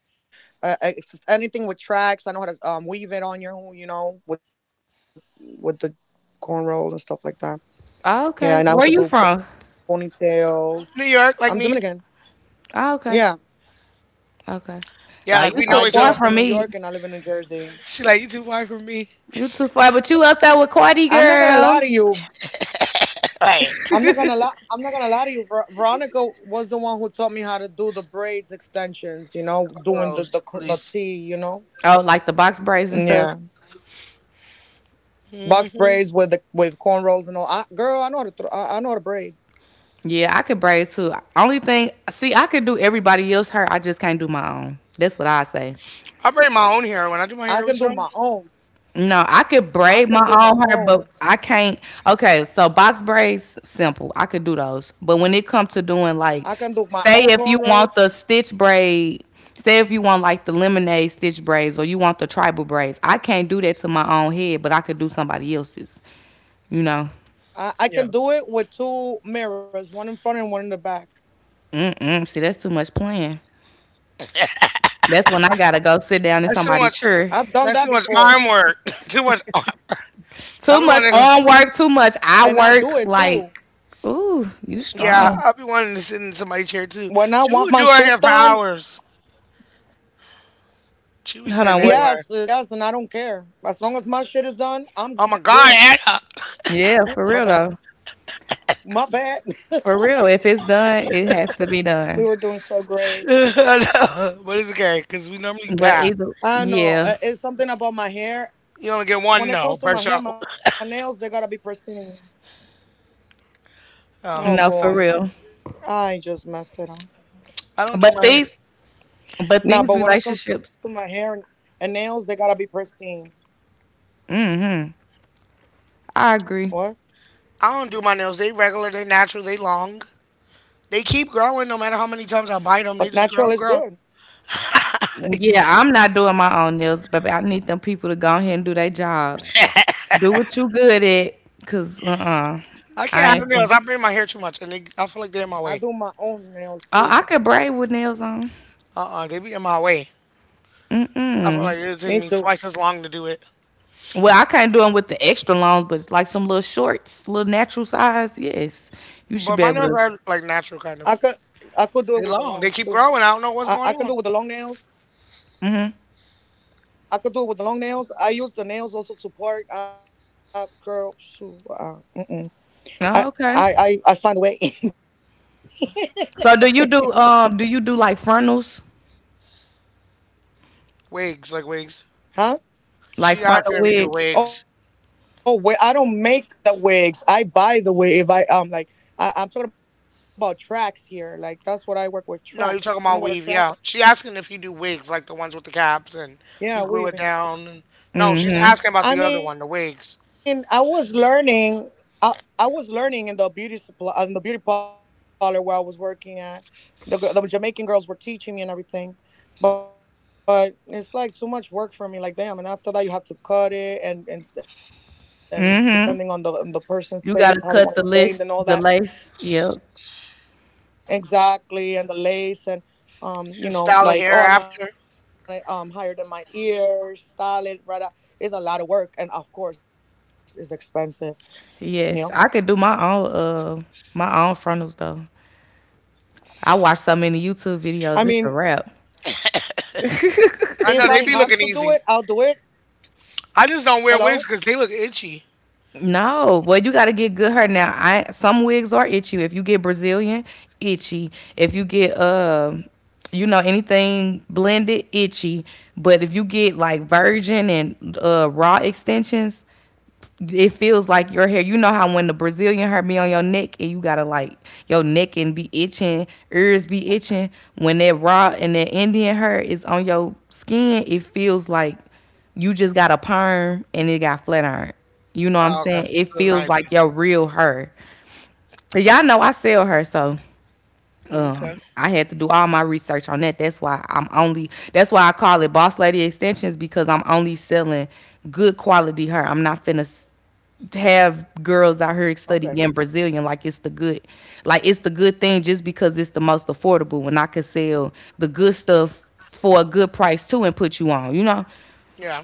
uh, ex- anything with tracks. I know how to weave it on your own, you know, with the cornrows and stuff like that. Oh, okay. Yeah, Where and I you also from? do ponytails. New York, I'm like me. Dominican. Oh, okay. Yeah, Okay. Yeah, Oh, you like we I too know grew each far up other. in New from me. York and I live in New Jersey. She like you too far from me. You too far, but you up there with Cardi I'm not gonna lie to girl. you. All right, I'm not gonna lie. I'm not gonna lie to you. Veronica was the one who taught me how to do the braids extensions. You know, doing the Rose, the please. T. You know, Oh, like the box braids and stuff. yeah, box Hmm. braids with the with cornrows and all. Girl, I know how to throw. I know how to braid. Yeah, I could braid too. Only thing, see, I could do everybody else hair. I just can't do my own. That's what I say. I braid my own hair when I do my hair every time. I can do my own. No, I could braid my I own can hair, do my but I own. can't. Okay, so box braids, simple. I could do those. But when it comes to doing like, I can do say my if own you want the cornrows. stitch braid, say if you want like the lemonade stitch braids or you want the tribal braids, I can't do that to my own head, but I could do somebody else's. You know, I Yeah, can do it with two mirrors, one in front and one in the back. mm mm. See, that's too much playing. That's when I gotta go sit down in that's too somebody's much. I've done chair. that That's too much before, arm work. too much. ar- I Too be much wanting to. on work, too and I much do it I too. work. Like, ooh, you Yeah, strong. I be wanting to sit in When I somebody's chair want too. my shit She would do done, her hair for hours. She yes, was Hold sitting on, there what? doing. yes, and her- I don't care. As long as my shit is done, I'm good. Oh my God, Anna! Oop, my bad. Yeah, for real though. My bad. For real. If it's done, it We has were to doing be so done. great. I know, but it's okay because we normally I But pass. know. either, It's something yeah, about my hair. When You it only comes get to my one hair and no my per nails, they show. gotta be pristine. Oh boy. Um, no, for I real. just messed it up. I don't do But my hair. these, Nah, but when it but comes to these my hair relationships, and nails, they gotta be pristine. What? I agree. I don't do my nails. They regular. They natural. They long. They keep growing no matter how many times I But bite them. natural They is just grow and good. grow. They just. Yeah, I'm not doing my own nails, but I need them people to go ahead and do their job. Do what you good at, cause I can't I have no ain't. Finna. nails. I bring my hair too much, and I they, do I my feel like they're in my own way. nails too. Oh, I could braid with nails on. Uh, they be in my way. Me I feel Mm. like it'll too. take me twice as long to do it. Well, I can't do them with the extra longs, but it's like some little shorts, little natural size. Yes, you should But be my able nails to. are I like could natural, I kind of. could do it with the longs They're too. long. They keep growing. I don't I know can what's do it with going the on. long nails. I could do it with the long nails. I use the nails also to part up, curl. Shoo, mm-mm. I, Oh, okay. I find a way. So do you do like frontals, Wigs, like wigs. huh? like She asked frontal me if we do wigs? wigs. Oh, wait, I don't make the wigs. I buy the wig. If I like, I, I'm talking about tracks here. Like that's what I work with. No, Tracks. you're You know talking what about are weave, yeah. tracks? She asking if you do wigs, like the ones with the caps Yeah, and weaving. you glue it down. And... No, she's asking about the other I one, the mean, I wigs. was learning. I I was learning in the beauty parlor where I was working at. The Jamaican girls were teaching me and everything, but it's like too much work for me. Like damn, and after that you have to cut it and depending on the person's face, how they You want it gotta cut the framed and all list, that. the lace. Yep. Exactly, and the lace and you And know, style of like, hair oh, I want it after. Higher than my ears, style it, brother. It's a lot of work, and of course, it's expensive. You know, Yes, I could do uh my own frontals though. I watch so many YouTube I videos. It's a mean, wrap. if I have to I know, do they it, be I'll looking do easy. it. I just don't wear wigs because Hello. they look itchy. No, well, you got to get good hair now. I some wigs are itchy. If you get Brazilian, itchy. If you get you know anything blended, itchy. But if you get like virgin and raw extensions, it feels like your hair. You know how when the Brazilian hair be on your neck and you gotta like your neck and be itching, ears be itching. When that raw and that Indian hair is on your skin, it feels like you just got a perm and it got flat iron. You know what I'm Oh, saying? okay. It So it's feels not like your real hair. You y'all know I sell her, so itchy. Okay. I had to do all my research on that. That's why I'm only. That's why I call it Boss Lady Extensions because I'm only selling good quality hair. I'm not finna have Okay. girls out here studying Brazilian like it's the good, like it's the good thing just because it's the most affordable. When I could sell the good stuff for a good price too and put you on, you know, Yeah.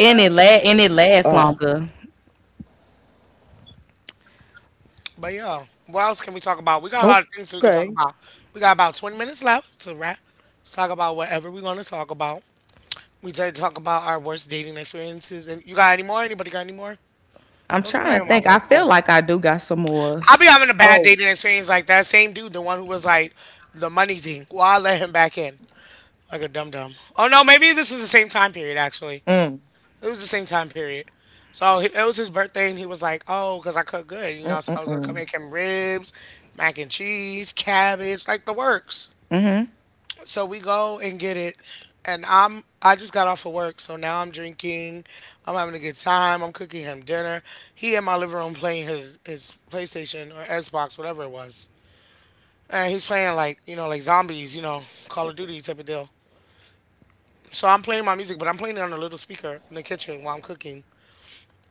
Yeah. And it lasts longer. But yeah, what else Okay. can we talk about? We got a lot of things we can talk about. We got about 20 minutes left to wrap. Let's talk about whatever we want to talk about. We did talk about our worst dating experiences. And you got any more? Anybody got any more? I'm Those are trying probably to my think. I worst feel ones. like I do got some Oh. more. I'll be having a bad dating experience like that same dude, the one who was like the money thing. Well, I let him back in like a dum dum. Oh no, maybe this was Mm. the same time period actually. It was the same time period. So it was his birthday, and he was Mm. like, Mm. "Oh, because I cook Mm. good, you know." So I was gonna make him ribs, mac and cheese, cabbage, like the works. So we go and get it, and I just got off of work, so now I'm drinking. I'm having a good time. I'm cooking him dinner. He in my living room playing his PlayStation or Xbox, whatever it was, and he's playing like, like zombies, Call of Duty type of deal. So I'm playing my music, but I'm playing it on a little speaker in the kitchen while I'm cooking.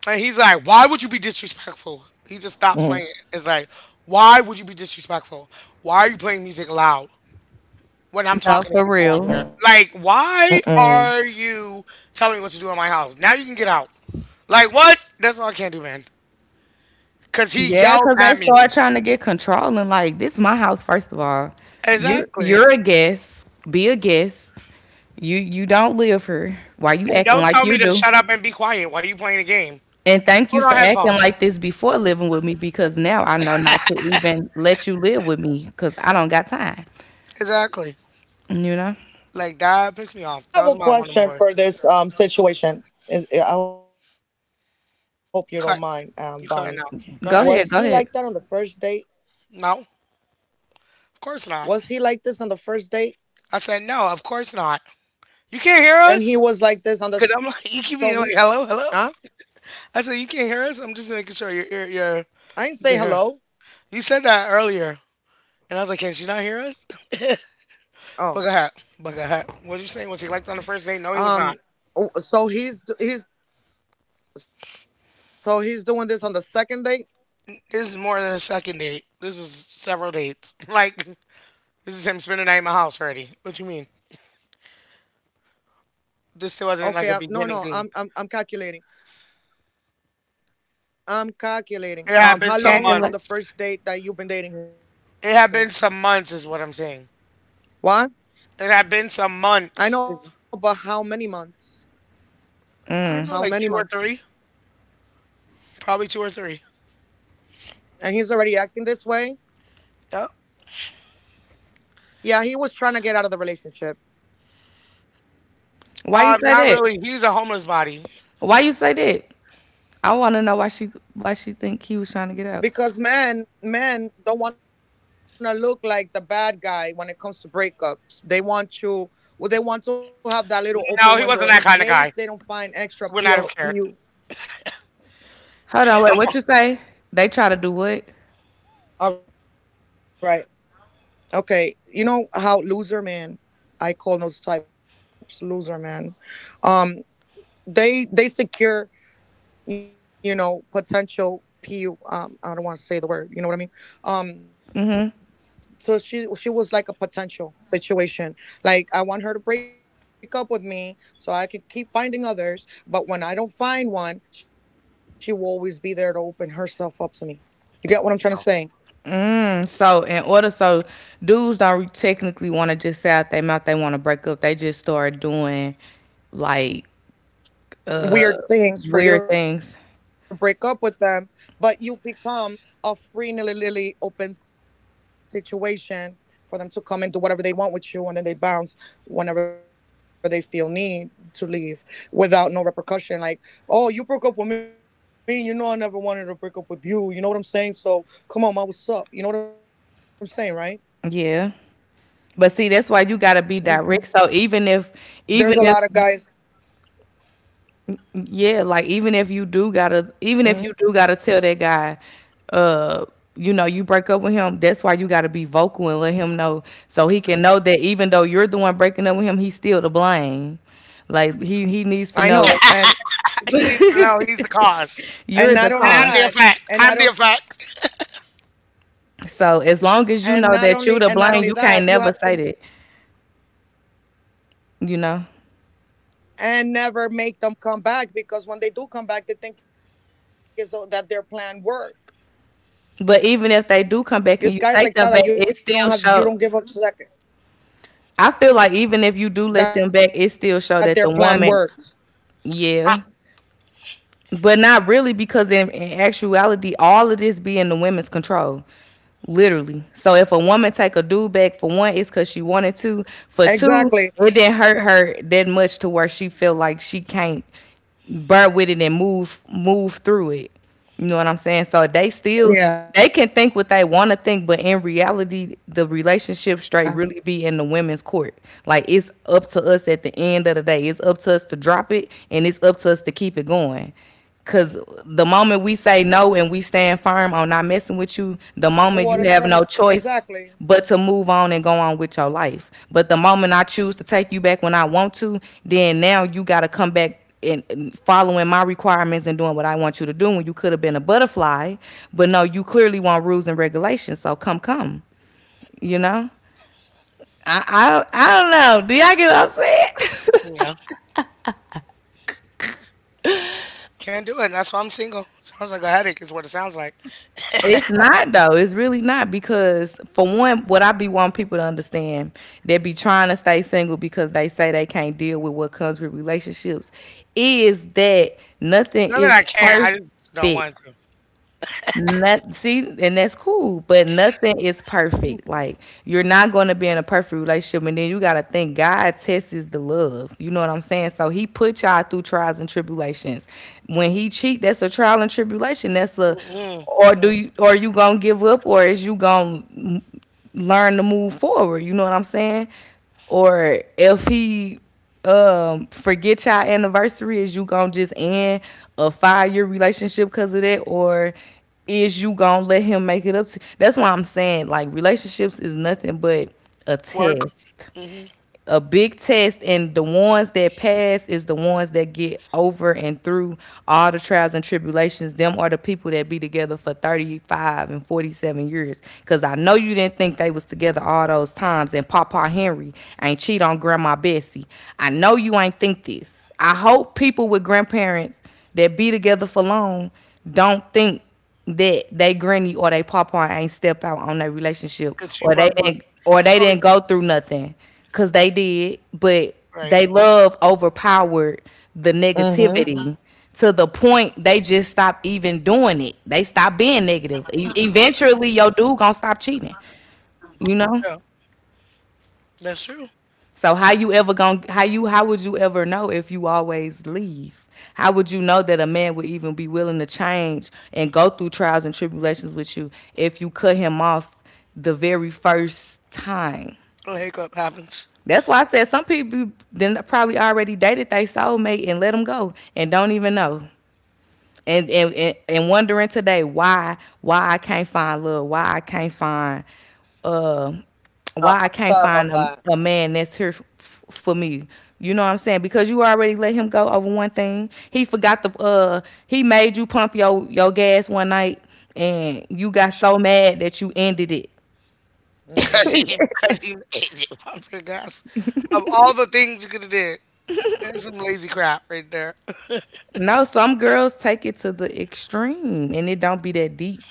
And he's like, "Why would you be Mm. disrespectful?" He just stops playing. It's like, "Why would you be disrespectful? Why are you playing music loud when I'm No, talking to for people Mm. on real. here? mm. Like, why are you telling me what to do in my house? Now you can get out." Like, what? That's all I can't do, man. Cause he Yeah, yelled because they at me. start trying to get controlling. Like this is my house, first of all. You're Exactly. you're a guest. Be a guest. You don't live here. Why you And acting don't like tell you me to do? shut up and be quiet while you playing the game. And thank Put you on for acting headphones. like this before living with me because now I know not to even let you live with me because I don't got time. Exactly. You know? Like that pissed me off. That I was have my a one of my worst. question for this situation. Is I hope you don't mind, You Bonnie. cut. You Was cutting he out. like Go that Go on ahead. the ahead, go first ahead. date? No, of Was he like this on the course not. first date? I said no, of course not. And he was like You this can't on hear the us? so Cause I'm he like, you keep being like, hello, huh? hello. I said you can't hear us. I'm just making sure you're I you're, didn't say you're hello. you can hear. You said that earlier, and I was like, can she not hear us? Oh, But go ahead. What you saying? Was he um, liked on the first oh, date? No, he was so not. He's so he's doing this on the second date. This is more than a second date. This is several dates. Like this is him spending the night in my house already. What you mean? Okay, no, This still no, wasn't like a I'm beginning thing. calculating. I'm calculating. How long It from the had been first some Calculate. date that months. you've been dating him? It had been some months, is what I'm Why saying. It had I been know, but some how many months. Is months? How many I don't Mm. know, like months? two or three, probably two or three. And he's already acting this way. Yep. Yeah, he was trying to get out of the relationship Why you say Not that? really. He was a homeless body. Why you say that? I want to know why she think he because was trying to get out. Men don't want to look like the bad guy. When it comes to breakups, they want to, well, they want to have that little open window in case No, he they don't wasn't that find kind of guy. extra PO, He would pu, not have cared. Hold on, wait. What you say? They try to do what? all right, okay, you know how loser man, I call those types loser man, um they secure, you know, potential pu I don't want to say the word, you know what I mean? Um. So she was like a potential situation, like I want her to break up with me so I could keep finding others, but when I don't find one, she will always be there to open herself up to me. You get what I'm trying to say? So in order, so dudes don't technically want to just say out their mouth they want to break up. They just start doing like Weird things for you to weird break up things. with them, but you become a free nilly lily open situation for them to come and do whatever they want with you, and then they bounce whenever they feel need to leave without no repercussion. Like, oh, you broke up with me, you know I never wanted to break up with you. You know what I'm saying? So come on, ma, what's up? You know what I'm saying, right? Yeah. But see, that's why you gotta be Mm, direct. So there's a lot even of guys. if, even if, yeah, like even if you Mhm. do gotta, even if you do gotta tell that guy, uh, you know, you break up with him. That's why you gotta be vocal and let him know, so he can know that even though you're the one breaking up with him, he's still to blame. Like he needs to know I know. He And needs to know he's the cause, and not you're the only and I'm cause. the that, effect. and I'm the not on effect. So as long as you know and that not you to only blame, that, you you can't have never to, say that, you know. and never make them come back, because when they do come back, they think is that their plan worked. But These even guys if like they that, that do you come don't back have, and you you don't take give them a back, it second, still show. I feel like even if that you their do let plan them back, it worked. still show that the woman, I, yeah, but not really because in actuality, all of this be in the women's control, literally. So if a woman take a dude back for one, it's because she Exactly. wanted to. For two, it didn't hurt her that much to where she feel like she can't burn with it and move through it. You know what I'm saying? So they still And they then can think what they want to yeah, think, but in reality, the relationship straight exactly, really be in the is women's court. Like it's up to us at the end of the day. It's exactly up to us to drop it, and it's up to us to keep it going. Cause the moment we say what I'm no and trying to we s- stand firm on exactly, not messing with you, the moment you have no choice but to move on and go on with your life. But the moment I choose to take you back when I want exactly, to, then now you got to come back and following my requirements and doing what I want you to do when you could have been a butterfly. But no, you clearly want rules and regulations. So come, come, you know? I don't know. Do y'all get what I'm saying? yeah, yeah. can't do it. That's why I'm single. Sounds like a headache, is what it sounds like. It's not though. It's really not because Now for one, what I be wanting people to understand, they be trying to stay single because they say they can't deal with what comes with relationships. Is that nothing Not that is I can't. I just don't perfect. want to. Not see, and that's cool, but nothing is perfect. Like you're not going to be in a perfect relationship, and then you got to think God tests the love. You know what I'm saying? So He put y'all through trials and tribulations. hmm When He cheat, that's a trial and tribulation. That's a, Mm-mm. or do you, or you gonna give up, or is you gonna learn to move forward. You know what I'm saying? Or if he forget your anniversary, is you gonna just end a 5 year relationship because of that, or is you gonna let him make it up to? You? That's why I'm saying like relationships is nothing but a Work. test, Mm-hmm. a big test, and the ones that pass is the ones that get over and through all the trials and tribulations. Them are the people that be together for 35 and 47 years, because I know you didn't think they was together all hmm those times and Papa Henry ain't cheat on Grandma Bessie. I know you ain't think this. I hope people with grandparents that be together for long don't think that they granny or they papa ain't step out on their relationship Good, she probably or they probably didn't go through nothing, because they did. But they right. love overpowered the negativity to the hmm. point they just stop even doing it. They stop being negative. Eventually your dude gonna stop cheating, you know. Yeah, that's true. So how you how would you ever know if you always leave? How would you know that a man would even be willing to change and go through trials and tribulations with you if you cut him off the very first time? A hiccup happens. That's why I said some people then probably already dated their soulmate and let them go and don't even know, and wondering today why I can't find love, why I can't find uh why I can't find Yeah, I'm a sorry about man that's that. here for me. You know what I'm saying? Because you already let him go over one thing. He forgot the he made you pump your gas one night and you got so mad that you ended it. 'Cause he Mhm. 'cause he made you pump your gas. Of all the things you could have did, that's some lazy crap right there. No, some girls take it to the extreme and it don't be that deep.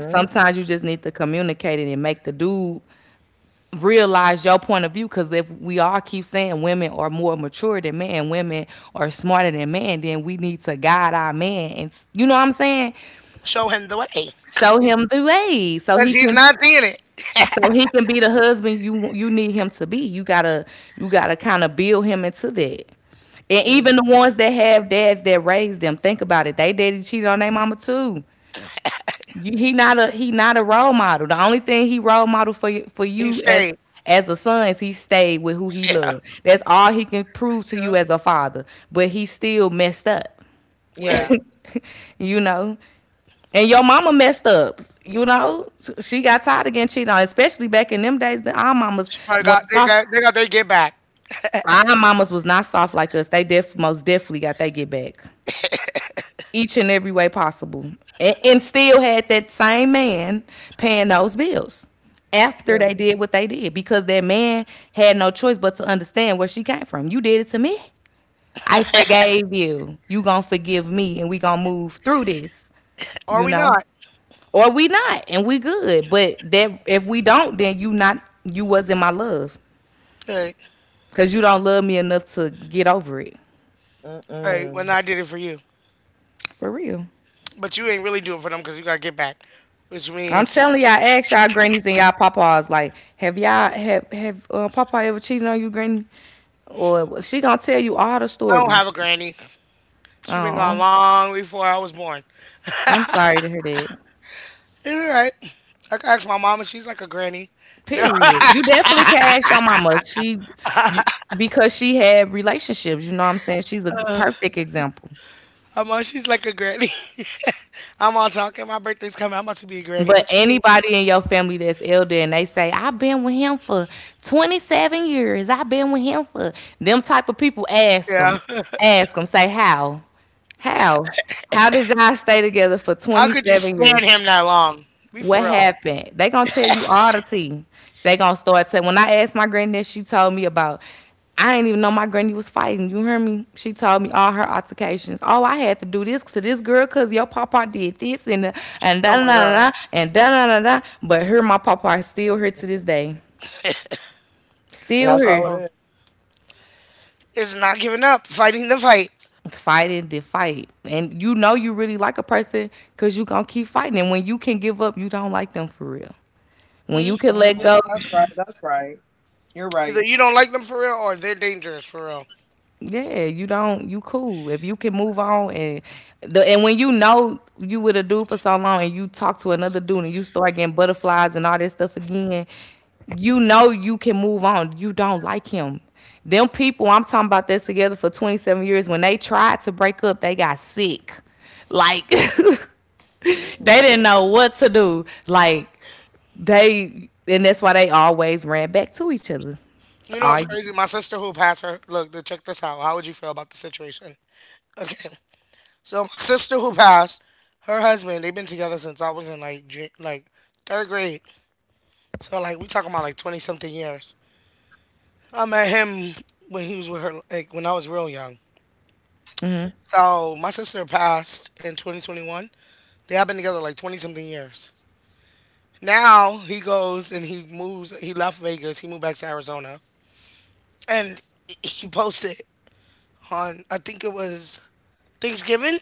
Sometimes you just need to communicate it and make the dude realize your point of view, because if we all keep saying women are more mature than men, women are smarter than men, then we need to guide our man, and you know what I'm saying, Show him the way, cause show him the way so he he's can not seeing it. Be the husband you you need him to be. You gotta kind of build him into that. And Yeah. even the ones that have dads that raised them, think about it, they daddy cheated on their mama too. You, he not a role model. The only thing he role model for He's you as staying. A son is he stayed with who he Yeah. loved. That's all he can prove to Yeah. you as a father. But he still messed up. Right. Yeah. You know. And your mama messed up, you know. She got tired of getting cheated on, especially back in them days. That our mamas She probably was got they soft. got they got their get back. Our mamas was not soft like us. They most definitely got they get back, each and every way possible, and still had that same man paying those bills after Yeah. they did what they did, because that man had no choice but to understand where she came from. You did it to me. I forgave you. You gonna forgive me and we gonna move through this, Or you we know? not. Or we not and we good. But that if we don't, then you not you wasn't my love. Right. Cause you don't love me enough to get over it. Right. When I did it Mhm. for you. For real. But you ain't really do it for them because you got to get back. Which I'm means telling y'all, ask y'all grannies and y'all papas. Like, have y'all have papa ever cheated on you, granny? Or she gonna tell you all the I don't have stories. a granny. She been gone Oh, long before I was born. I'm sorry to hear that. It's all right. I can ask my mama. She's like a granny. No. Period. You definitely can ask your mama. She, you, because she had relationships. You know what I'm saying? She's a perfect example. My mom, she's like a granny. I'm all talking. My birthday's coming. I'm about to be a granny. But What you mean? anybody in your family that's elder and they say, I've been with him for 27 years. I've been with him for them type of people. Ask them. Yeah. Ask them. Say, how? How? How did y'all stay together for How could you 27 stand years? him that long? Be What for real. happened? They gonna tell you all the tea. They gonna start telling. When I asked my granddad, she told me about. I didn't even know my granny was fighting. You hear me? She told me all her altercations. Oh, I had to do this to this girl because your papa did this and Oh da da my god. da da and da da da da. But her, my papa is still here to this day. Still Uh That's here oh. how it is. It's not giving up. Fighting the fight. fighting the fight. And you know you really like a person because you gonna keep fighting. And when you can give up, you don't like them for real. When Mm. you can let go, Mhm. That's right. That's right. You're Either you right. don't like them for real, or they're dangerous for real. yeah, you don't. You cool if you can move on and the and when you know you with a dude for so long and you talk to another dude and you start getting butterflies and all that stuff again, you know you can move on. You don't like him. Them people I'm talking about that's together for 27 years, when they tried to break up, they got sick. Like they didn't know what to do. Like they and that's why they always ran back to each other. So, You know it's I crazy. My sister who passed her. Look, check this out. How would you feel about the situation? Okay. So my sister who passed, her husband. They've been together since I was in like like third grade. So like we talking about like 20 something years. I met him when he was with her. Like when I was real young. So my sister passed in 2021. They have been together like 20 something years. Now he goes and he moves. He left Vegas. He moved back to Arizona, and he posted on I think it was Thanksgiving.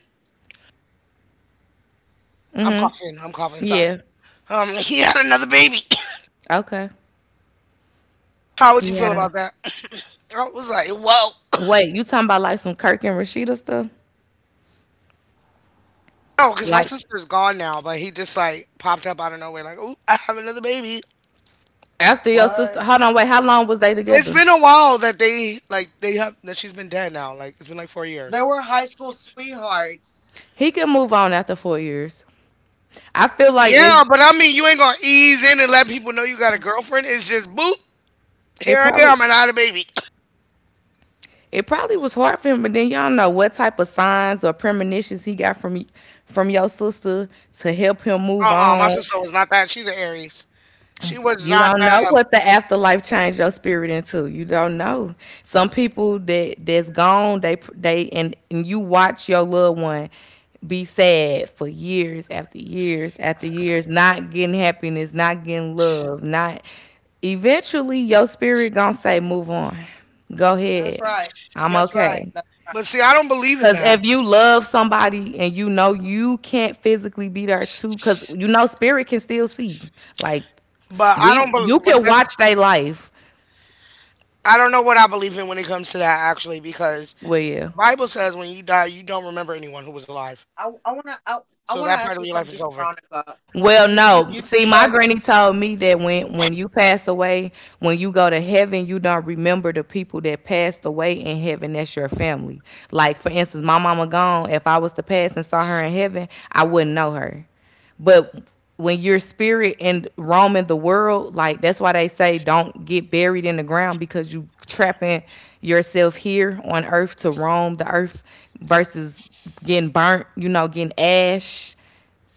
I'm coughing. I'm coughing. Sorry. yeah. He had another baby. Okay. How would you He had feel a— about that? I was like, whoa. wait, you talking about like some Kirk and Rashida stuff? No, because my Like sister's gone now, but he just like popped up out of nowhere, like, oh, I have another baby. after your What? sister? Hold on, wait. How long was they It's together? been a while that they like they have that she's been dead now. Like it's been like four They years. were high school sweethearts. He could move on after 4 years. I feel like it. Yeah, but I mean, you ain't gonna ease in and let people know you got a girlfriend. It's just boop. Here It I probably. am, and I had a baby. It probably was hard for him, but then y'all know what type of signs or premonitions he got from your sister to help him move uh, my on. sister was not that. She's an Aries. She was You not. don't know what the afterlife changed your spirit into. You don't know. Some people that that's gone, they and you watch your loved one be sad for years after years after years, not getting happiness, not getting love, not. Eventually, your spirit gonna say, "Move on. Go ahead. That's right. I'm That's okay." right. That's But right. see, I don't believe in Cause that. if you love somebody and you know you can't physically be there too, cause you know spirit can still see. Like But I don't. you Bel But can that's. watch their life. I don't know what I believe in when it comes to that actually, because Well, the yeah. Bible says when you die, you don't remember anyone who was alive. I, I wanna I, So I that wanna part of ask you your life is something, over. Veronica. Well, You no. just you just See, my said granny told me that when you pass away, when you go to heaven, you don't remember the people that passed away in heaven. That's your family. Like for instance, my mama gone. If I was to pass and saw her in heaven, I wouldn't know her. But when your spirit and roaming the world, like that's why they say don't get buried in the ground because you trapping yourself here on earth to roam the earth versus getting burnt, you know, getting ash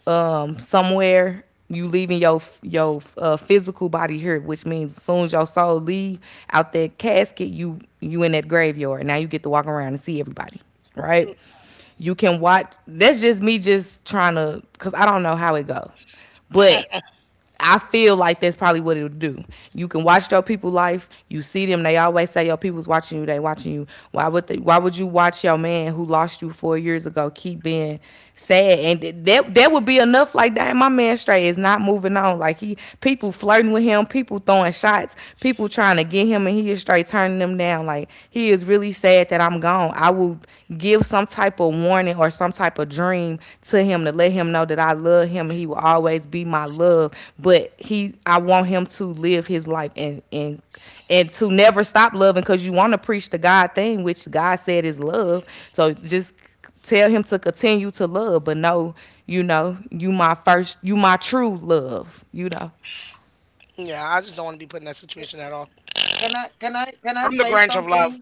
somewhere. You leaving your physical body here, which means as soon as your soul leave out that casket, you in that graveyard. Now you get to walk around and see everybody, right? You can watch. That's just me, just trying to, cause I don't know how it go, but I feel like that's probably what it'll do. You can watch your people life. You see them. They always say your people's watching you. They watching you. Why would you watch your man who lost you 4 years ago keep being sad? And that would be enough. Like that, my man straight is not moving on. Like he people flirting with him. People throwing shots. People trying to get him, and he is straight turning them down. Like he is really sad that I'm gone. I will give some type of warning or some type of dream to him to let him know that I love him and he will always be my love. But he, I want him to live his life and to never stop loving because you want to preach the God thing, which God said is love. So just tell him to continue to love, but no, you know, you my first, you my true love, you know. Yeah, I just don't want to be put in that situation at all. can I I'm the say Grinch of love. something?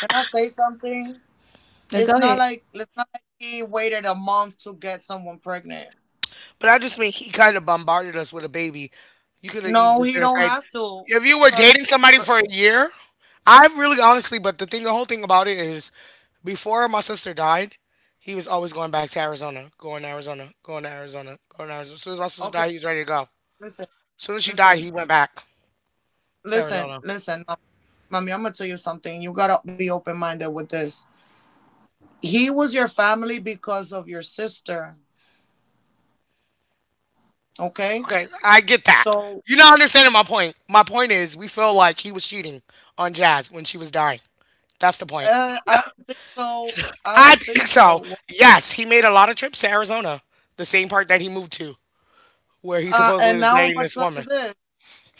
Can I say something? Go It's not ahead. like it's not like he waited a month to get someone pregnant. But I just mean he kind of bombarded us with a baby. You could have No, easily he said, don't like, have to if you were dating because somebody r- for a year, I really honestly, but the thing, the whole thing about it is before my sister died, he was always going back to Arizona, going to Arizona, going to Arizona, going to Arizona. As soon as my sister okay, died, he was ready to go. As listen, soon as she died, listen, he went back to listen, Arizona. listen, mommy. I'm gonna tell you something. You gotta be open minded with this. He was your family because of your sister. Okay, Okay, I get that. so You're not understanding my point. My point is, we feel like he was cheating on Jazz when she was dying. That's the point. I don't think so. I I don't think think so. so. Yes, he made a lot of trips to Arizona, the same part that he moved to, where he Uh, supposedly and was now I'm dating gonna this tell you woman. this.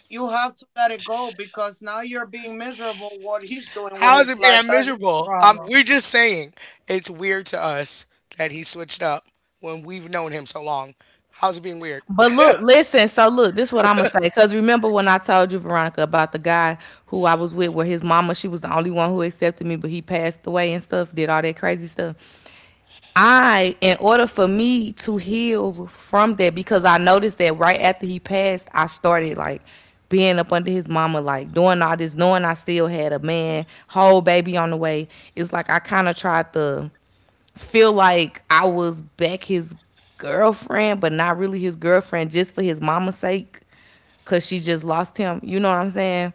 You have to let it go because now you're being miserable. What he's doing with How is his it life, being that's his miserable? Problem. We're just saying it's weird to us that he switched up when we've known him so long. How's it being weird? But look, listen. So look, this is what I'm gonna say. Because remember when I told you, Veronica, about the guy who I was with, where his mama, she was the only one who accepted me, but he passed away and stuff, did all that crazy stuff. I, in order for me to heal from that, because I noticed that right after he passed, I started like being up under his mama, like doing all this, knowing I still had a man, whole baby on the way. It's like I kind of tried to feel like I was back his girlfriend, but not really his girlfriend, just for his mama's sake, cause she just lost him. You know what I'm saying?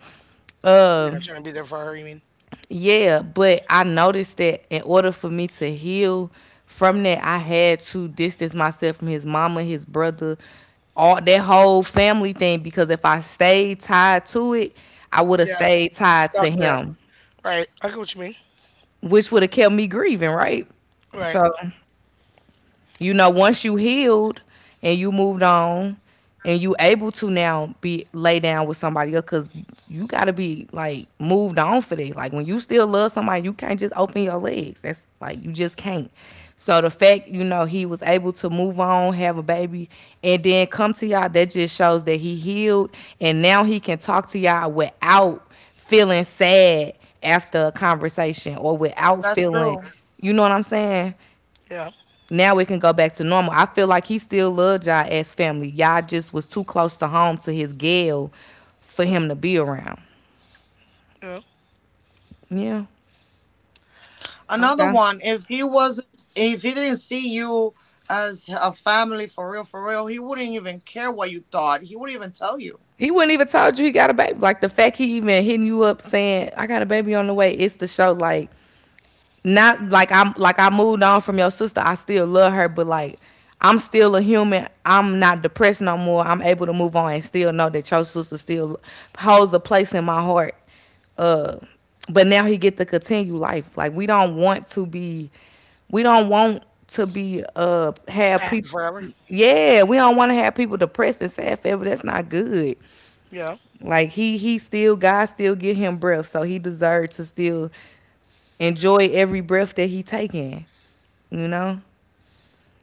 Uh, Yeah, trying to be there for her. You mean? yeah. But I noticed that in order for me to heal from that, I had to distance myself from his mama, his brother, all that whole family thing. Because if I stayed tied to it, I would have Yeah, stayed tied to stuck there. him, Right. I get what you mean. which would have kept me grieving, right? Right. So, you know, once you healed and you moved on and you able to now be lay down with somebody else because you gotta be like moved on for that. Like when you still love somebody, you can't just open your legs. That's like you just can't. So the fact, you know, he was able to move on, have a baby, and then come to y'all, that just shows that he healed and now he can talk to y'all without feeling sad after a conversation or without That's feeling, true. you know what I'm saying? Yeah. Now it can go back to normal. I feel like he still loved y'all as family. Y'all just was too close to home to his gal for him to be around. Yeah. Yeah. Oh, Another So one if he wasn't, if he didn't see you as a family for real for real, he wouldn't even care what you thought, he wouldn't even tell you. he wouldn't even told you he got a baby. Like the fact he even hitting you up saying, I got a baby on the way, it's the show like not like I'm like I moved on from your sister. I still love her, but like I'm still a human. I'm not depressed no more. I'm able to move on and still know that your sister still holds a place in my heart. Uh, but now he get to continue life. Like we don't want to be have sad people. forever. Yeah, we don't want to have people depressed and sad forever. That's not good. Yeah. Like he still, God still give him breath, so he deserved to still enjoy every breath that he taking. You know,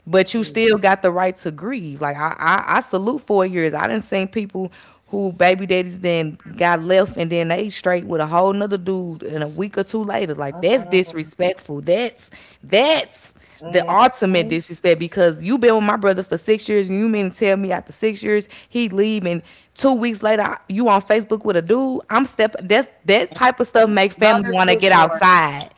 but you Mm. still got the right to grieve. Like I salute 4 years. I didn't seen people who baby daddies then got left and then they straight with a whole nother dude and a week or two later. Like that's disrespectful. That's the Mm-mm, ultimate mhm. disrespect because you been with my brother for 6 years and you mean to tell me after 6 years he leave and 2 weeks later I- you on Facebook with a dude. I'm step, that's that type of stuff make family That is want to too get short. outside.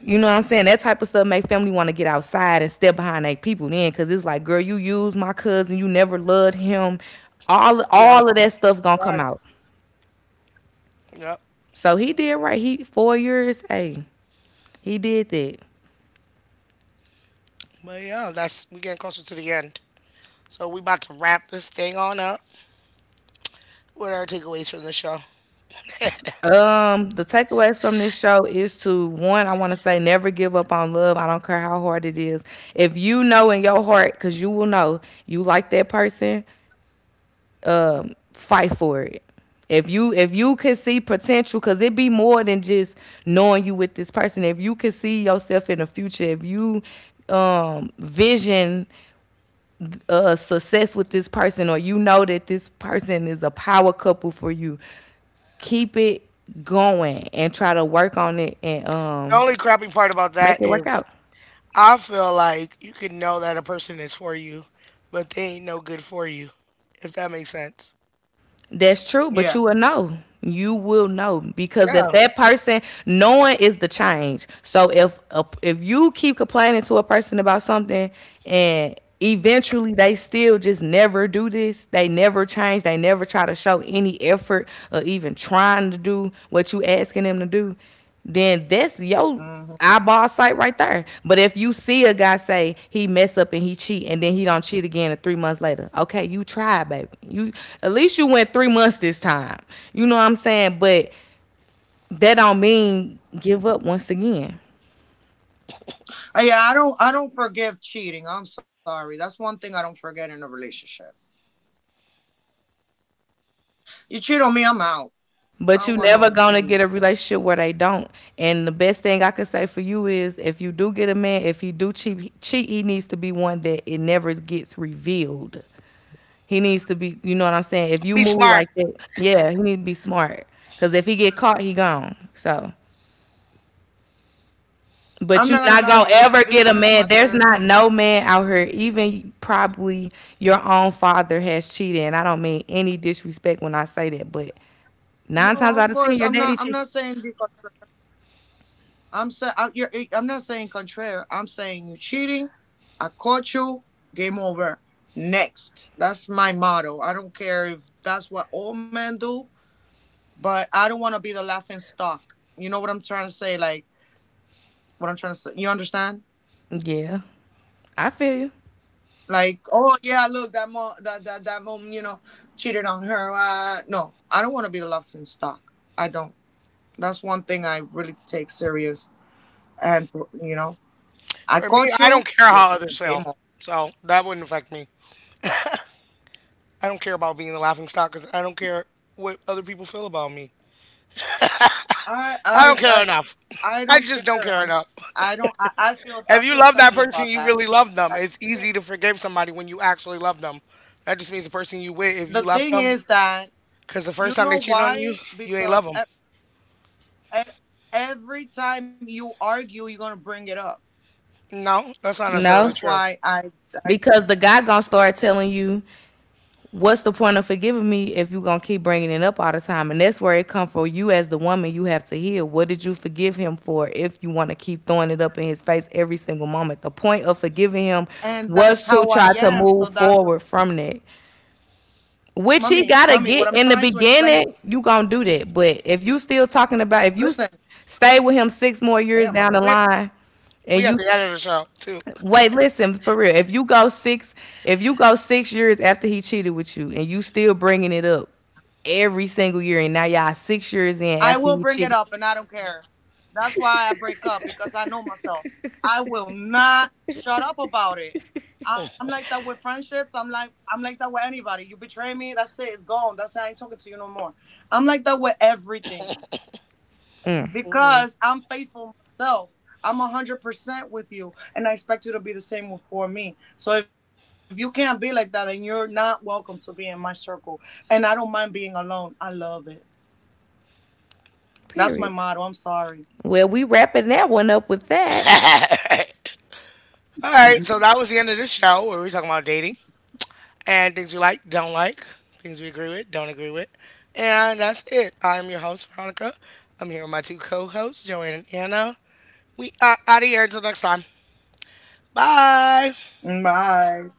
You know what I'm saying? That type of stuff make family want to get outside and step behind their people then, cause it's like, girl, you used my cousin, you never loved him. Yeah. All of that stuff gonna come Right. out. Yep. So he did right. He 4 years, hey, he did that. But yeah, that's we getting closer to the end. So we about to wrap this thing on up. What are our takeaways from the show? The takeaways from this show is to, one, I want to say never give up on love. I don't care how hard it is. If you know in your heart, because you will know you like that person, fight for it. If you can see potential, cause it be more than just knowing you with this person. If you can see yourself in the future, if you vision success with this person or you know that this person is a power couple for you, keep it going and try to work on it, and The only crappy part about make that it work is out. I feel like you can know that a person is for you, but they ain't no good for you, if that makes sense. That's true, but Yeah. you will know. You will know because Yeah, if that person knowing is the change. So if you keep complaining to a person about something and eventually they still just never do this, they never change, they never try to show any effort or even trying to do what you asking them to do, then that's your Hmm. eyeball sight right there. But if you see a guy say he mess up and he cheat and then he don't cheat again and 3 months later, okay, you tried, baby. You At least you went 3 months this time. You know what I'm saying? But that don't mean give up once again. Yeah, I don't forgive cheating, I'm sorry, that's one thing I don't forget in a relationship. You cheat on me, I'm out. But I you don't want never no gonna get a relationship where they don't. And the best thing I could say for you is, if you do get a man, if he do cheat, cheat, he needs to be one that it never gets revealed. He needs to be, you know what I'm saying? If you be move smart. like that, yeah, he needs to be smart. Cause if he get caught, he gone. So, I'm not gonna lie but to you you, not gonna this one is ever my get a third. man. There's not no man out here. Even probably your own father has cheated, and I don't mean any disrespect when I say that. But no nine times of out of ten, course your i'm not daddy i'm cheated. not saying because I'm saying, I'm not saying contraire. I'm saying you're cheating. I caught you. Game over. Next. That's my motto. I don't care if that's what all men do, but I don't want to be the laughing stock. You know what I'm trying to say? Like what I'm trying to say. You understand? Yeah, I feel you. Like oh yeah, look that mom that mom you know cheated on her. No, I don't want to be the laughing stock. I don't. That's one thing I really take serious. And you know, I For me, caught I don't you. care You're how others game feel, over. so that wouldn't affect me. I don't care about being the laughing stock because I don't care what other people feel about me. I I don't I care I enough. I I don't just don't care. care I'm enough. I don't If I you feel love that strongly person, about you that. really love them. That's- It's easy okay. to forgive somebody when you actually love them. That just means the person you with, if you The love thing them, is that, because the you first know time they cheated why? on you, you Because ain't love them. e- every time you argue, you're gonna bring it up. No, that's not necessarily That's No, true. why I I because the guy gonna start telling you, what's the point of forgiving me if you're gonna keep bringing it up all the time? And that's where it come from. You as the woman, you have to heal. What did you forgive him for if you want to keep throwing it up in his face every single moment? The point of forgiving him and that's was to how I try to am. move So that's the, forward from that, which he mummy, gotta mummy. get. What I'm In the trying to explain. beginning you gonna do that, but if you still talking about, if you s- Listen, stay with him six more years damn, my down bro. the We line we and at you— the end of the show too. wait, listen, for real. If you go 6 years after he cheated with you, and you still bringing it up every single year, and now y'all 6 years in I after will he bring it cheated, up and I don't care. That's why I break up, because I know myself. I will not shut up about it. I'm like that with friendships. I'm like that with anybody. You betray me, that's it. It's gone. That's it. I ain't talking to you no more. I'm like that with everything because I'm faithful myself. I'm 100% with you, and I expect you to be the for me. So if you can't be like that, then you're not welcome to be in my circle. And I don't mind being alone. I love it. That's my motto. period. I'm sorry. Well, we wrapping that one up with that. All right, so that was the end of this show where we talking about dating and things we like, don't like, things we agree with, don't agree with, and that's it. I'm your host Veronica. I'm here with my two co-hosts Joanne and Anna. We are out of here until next time. Bye. Bye.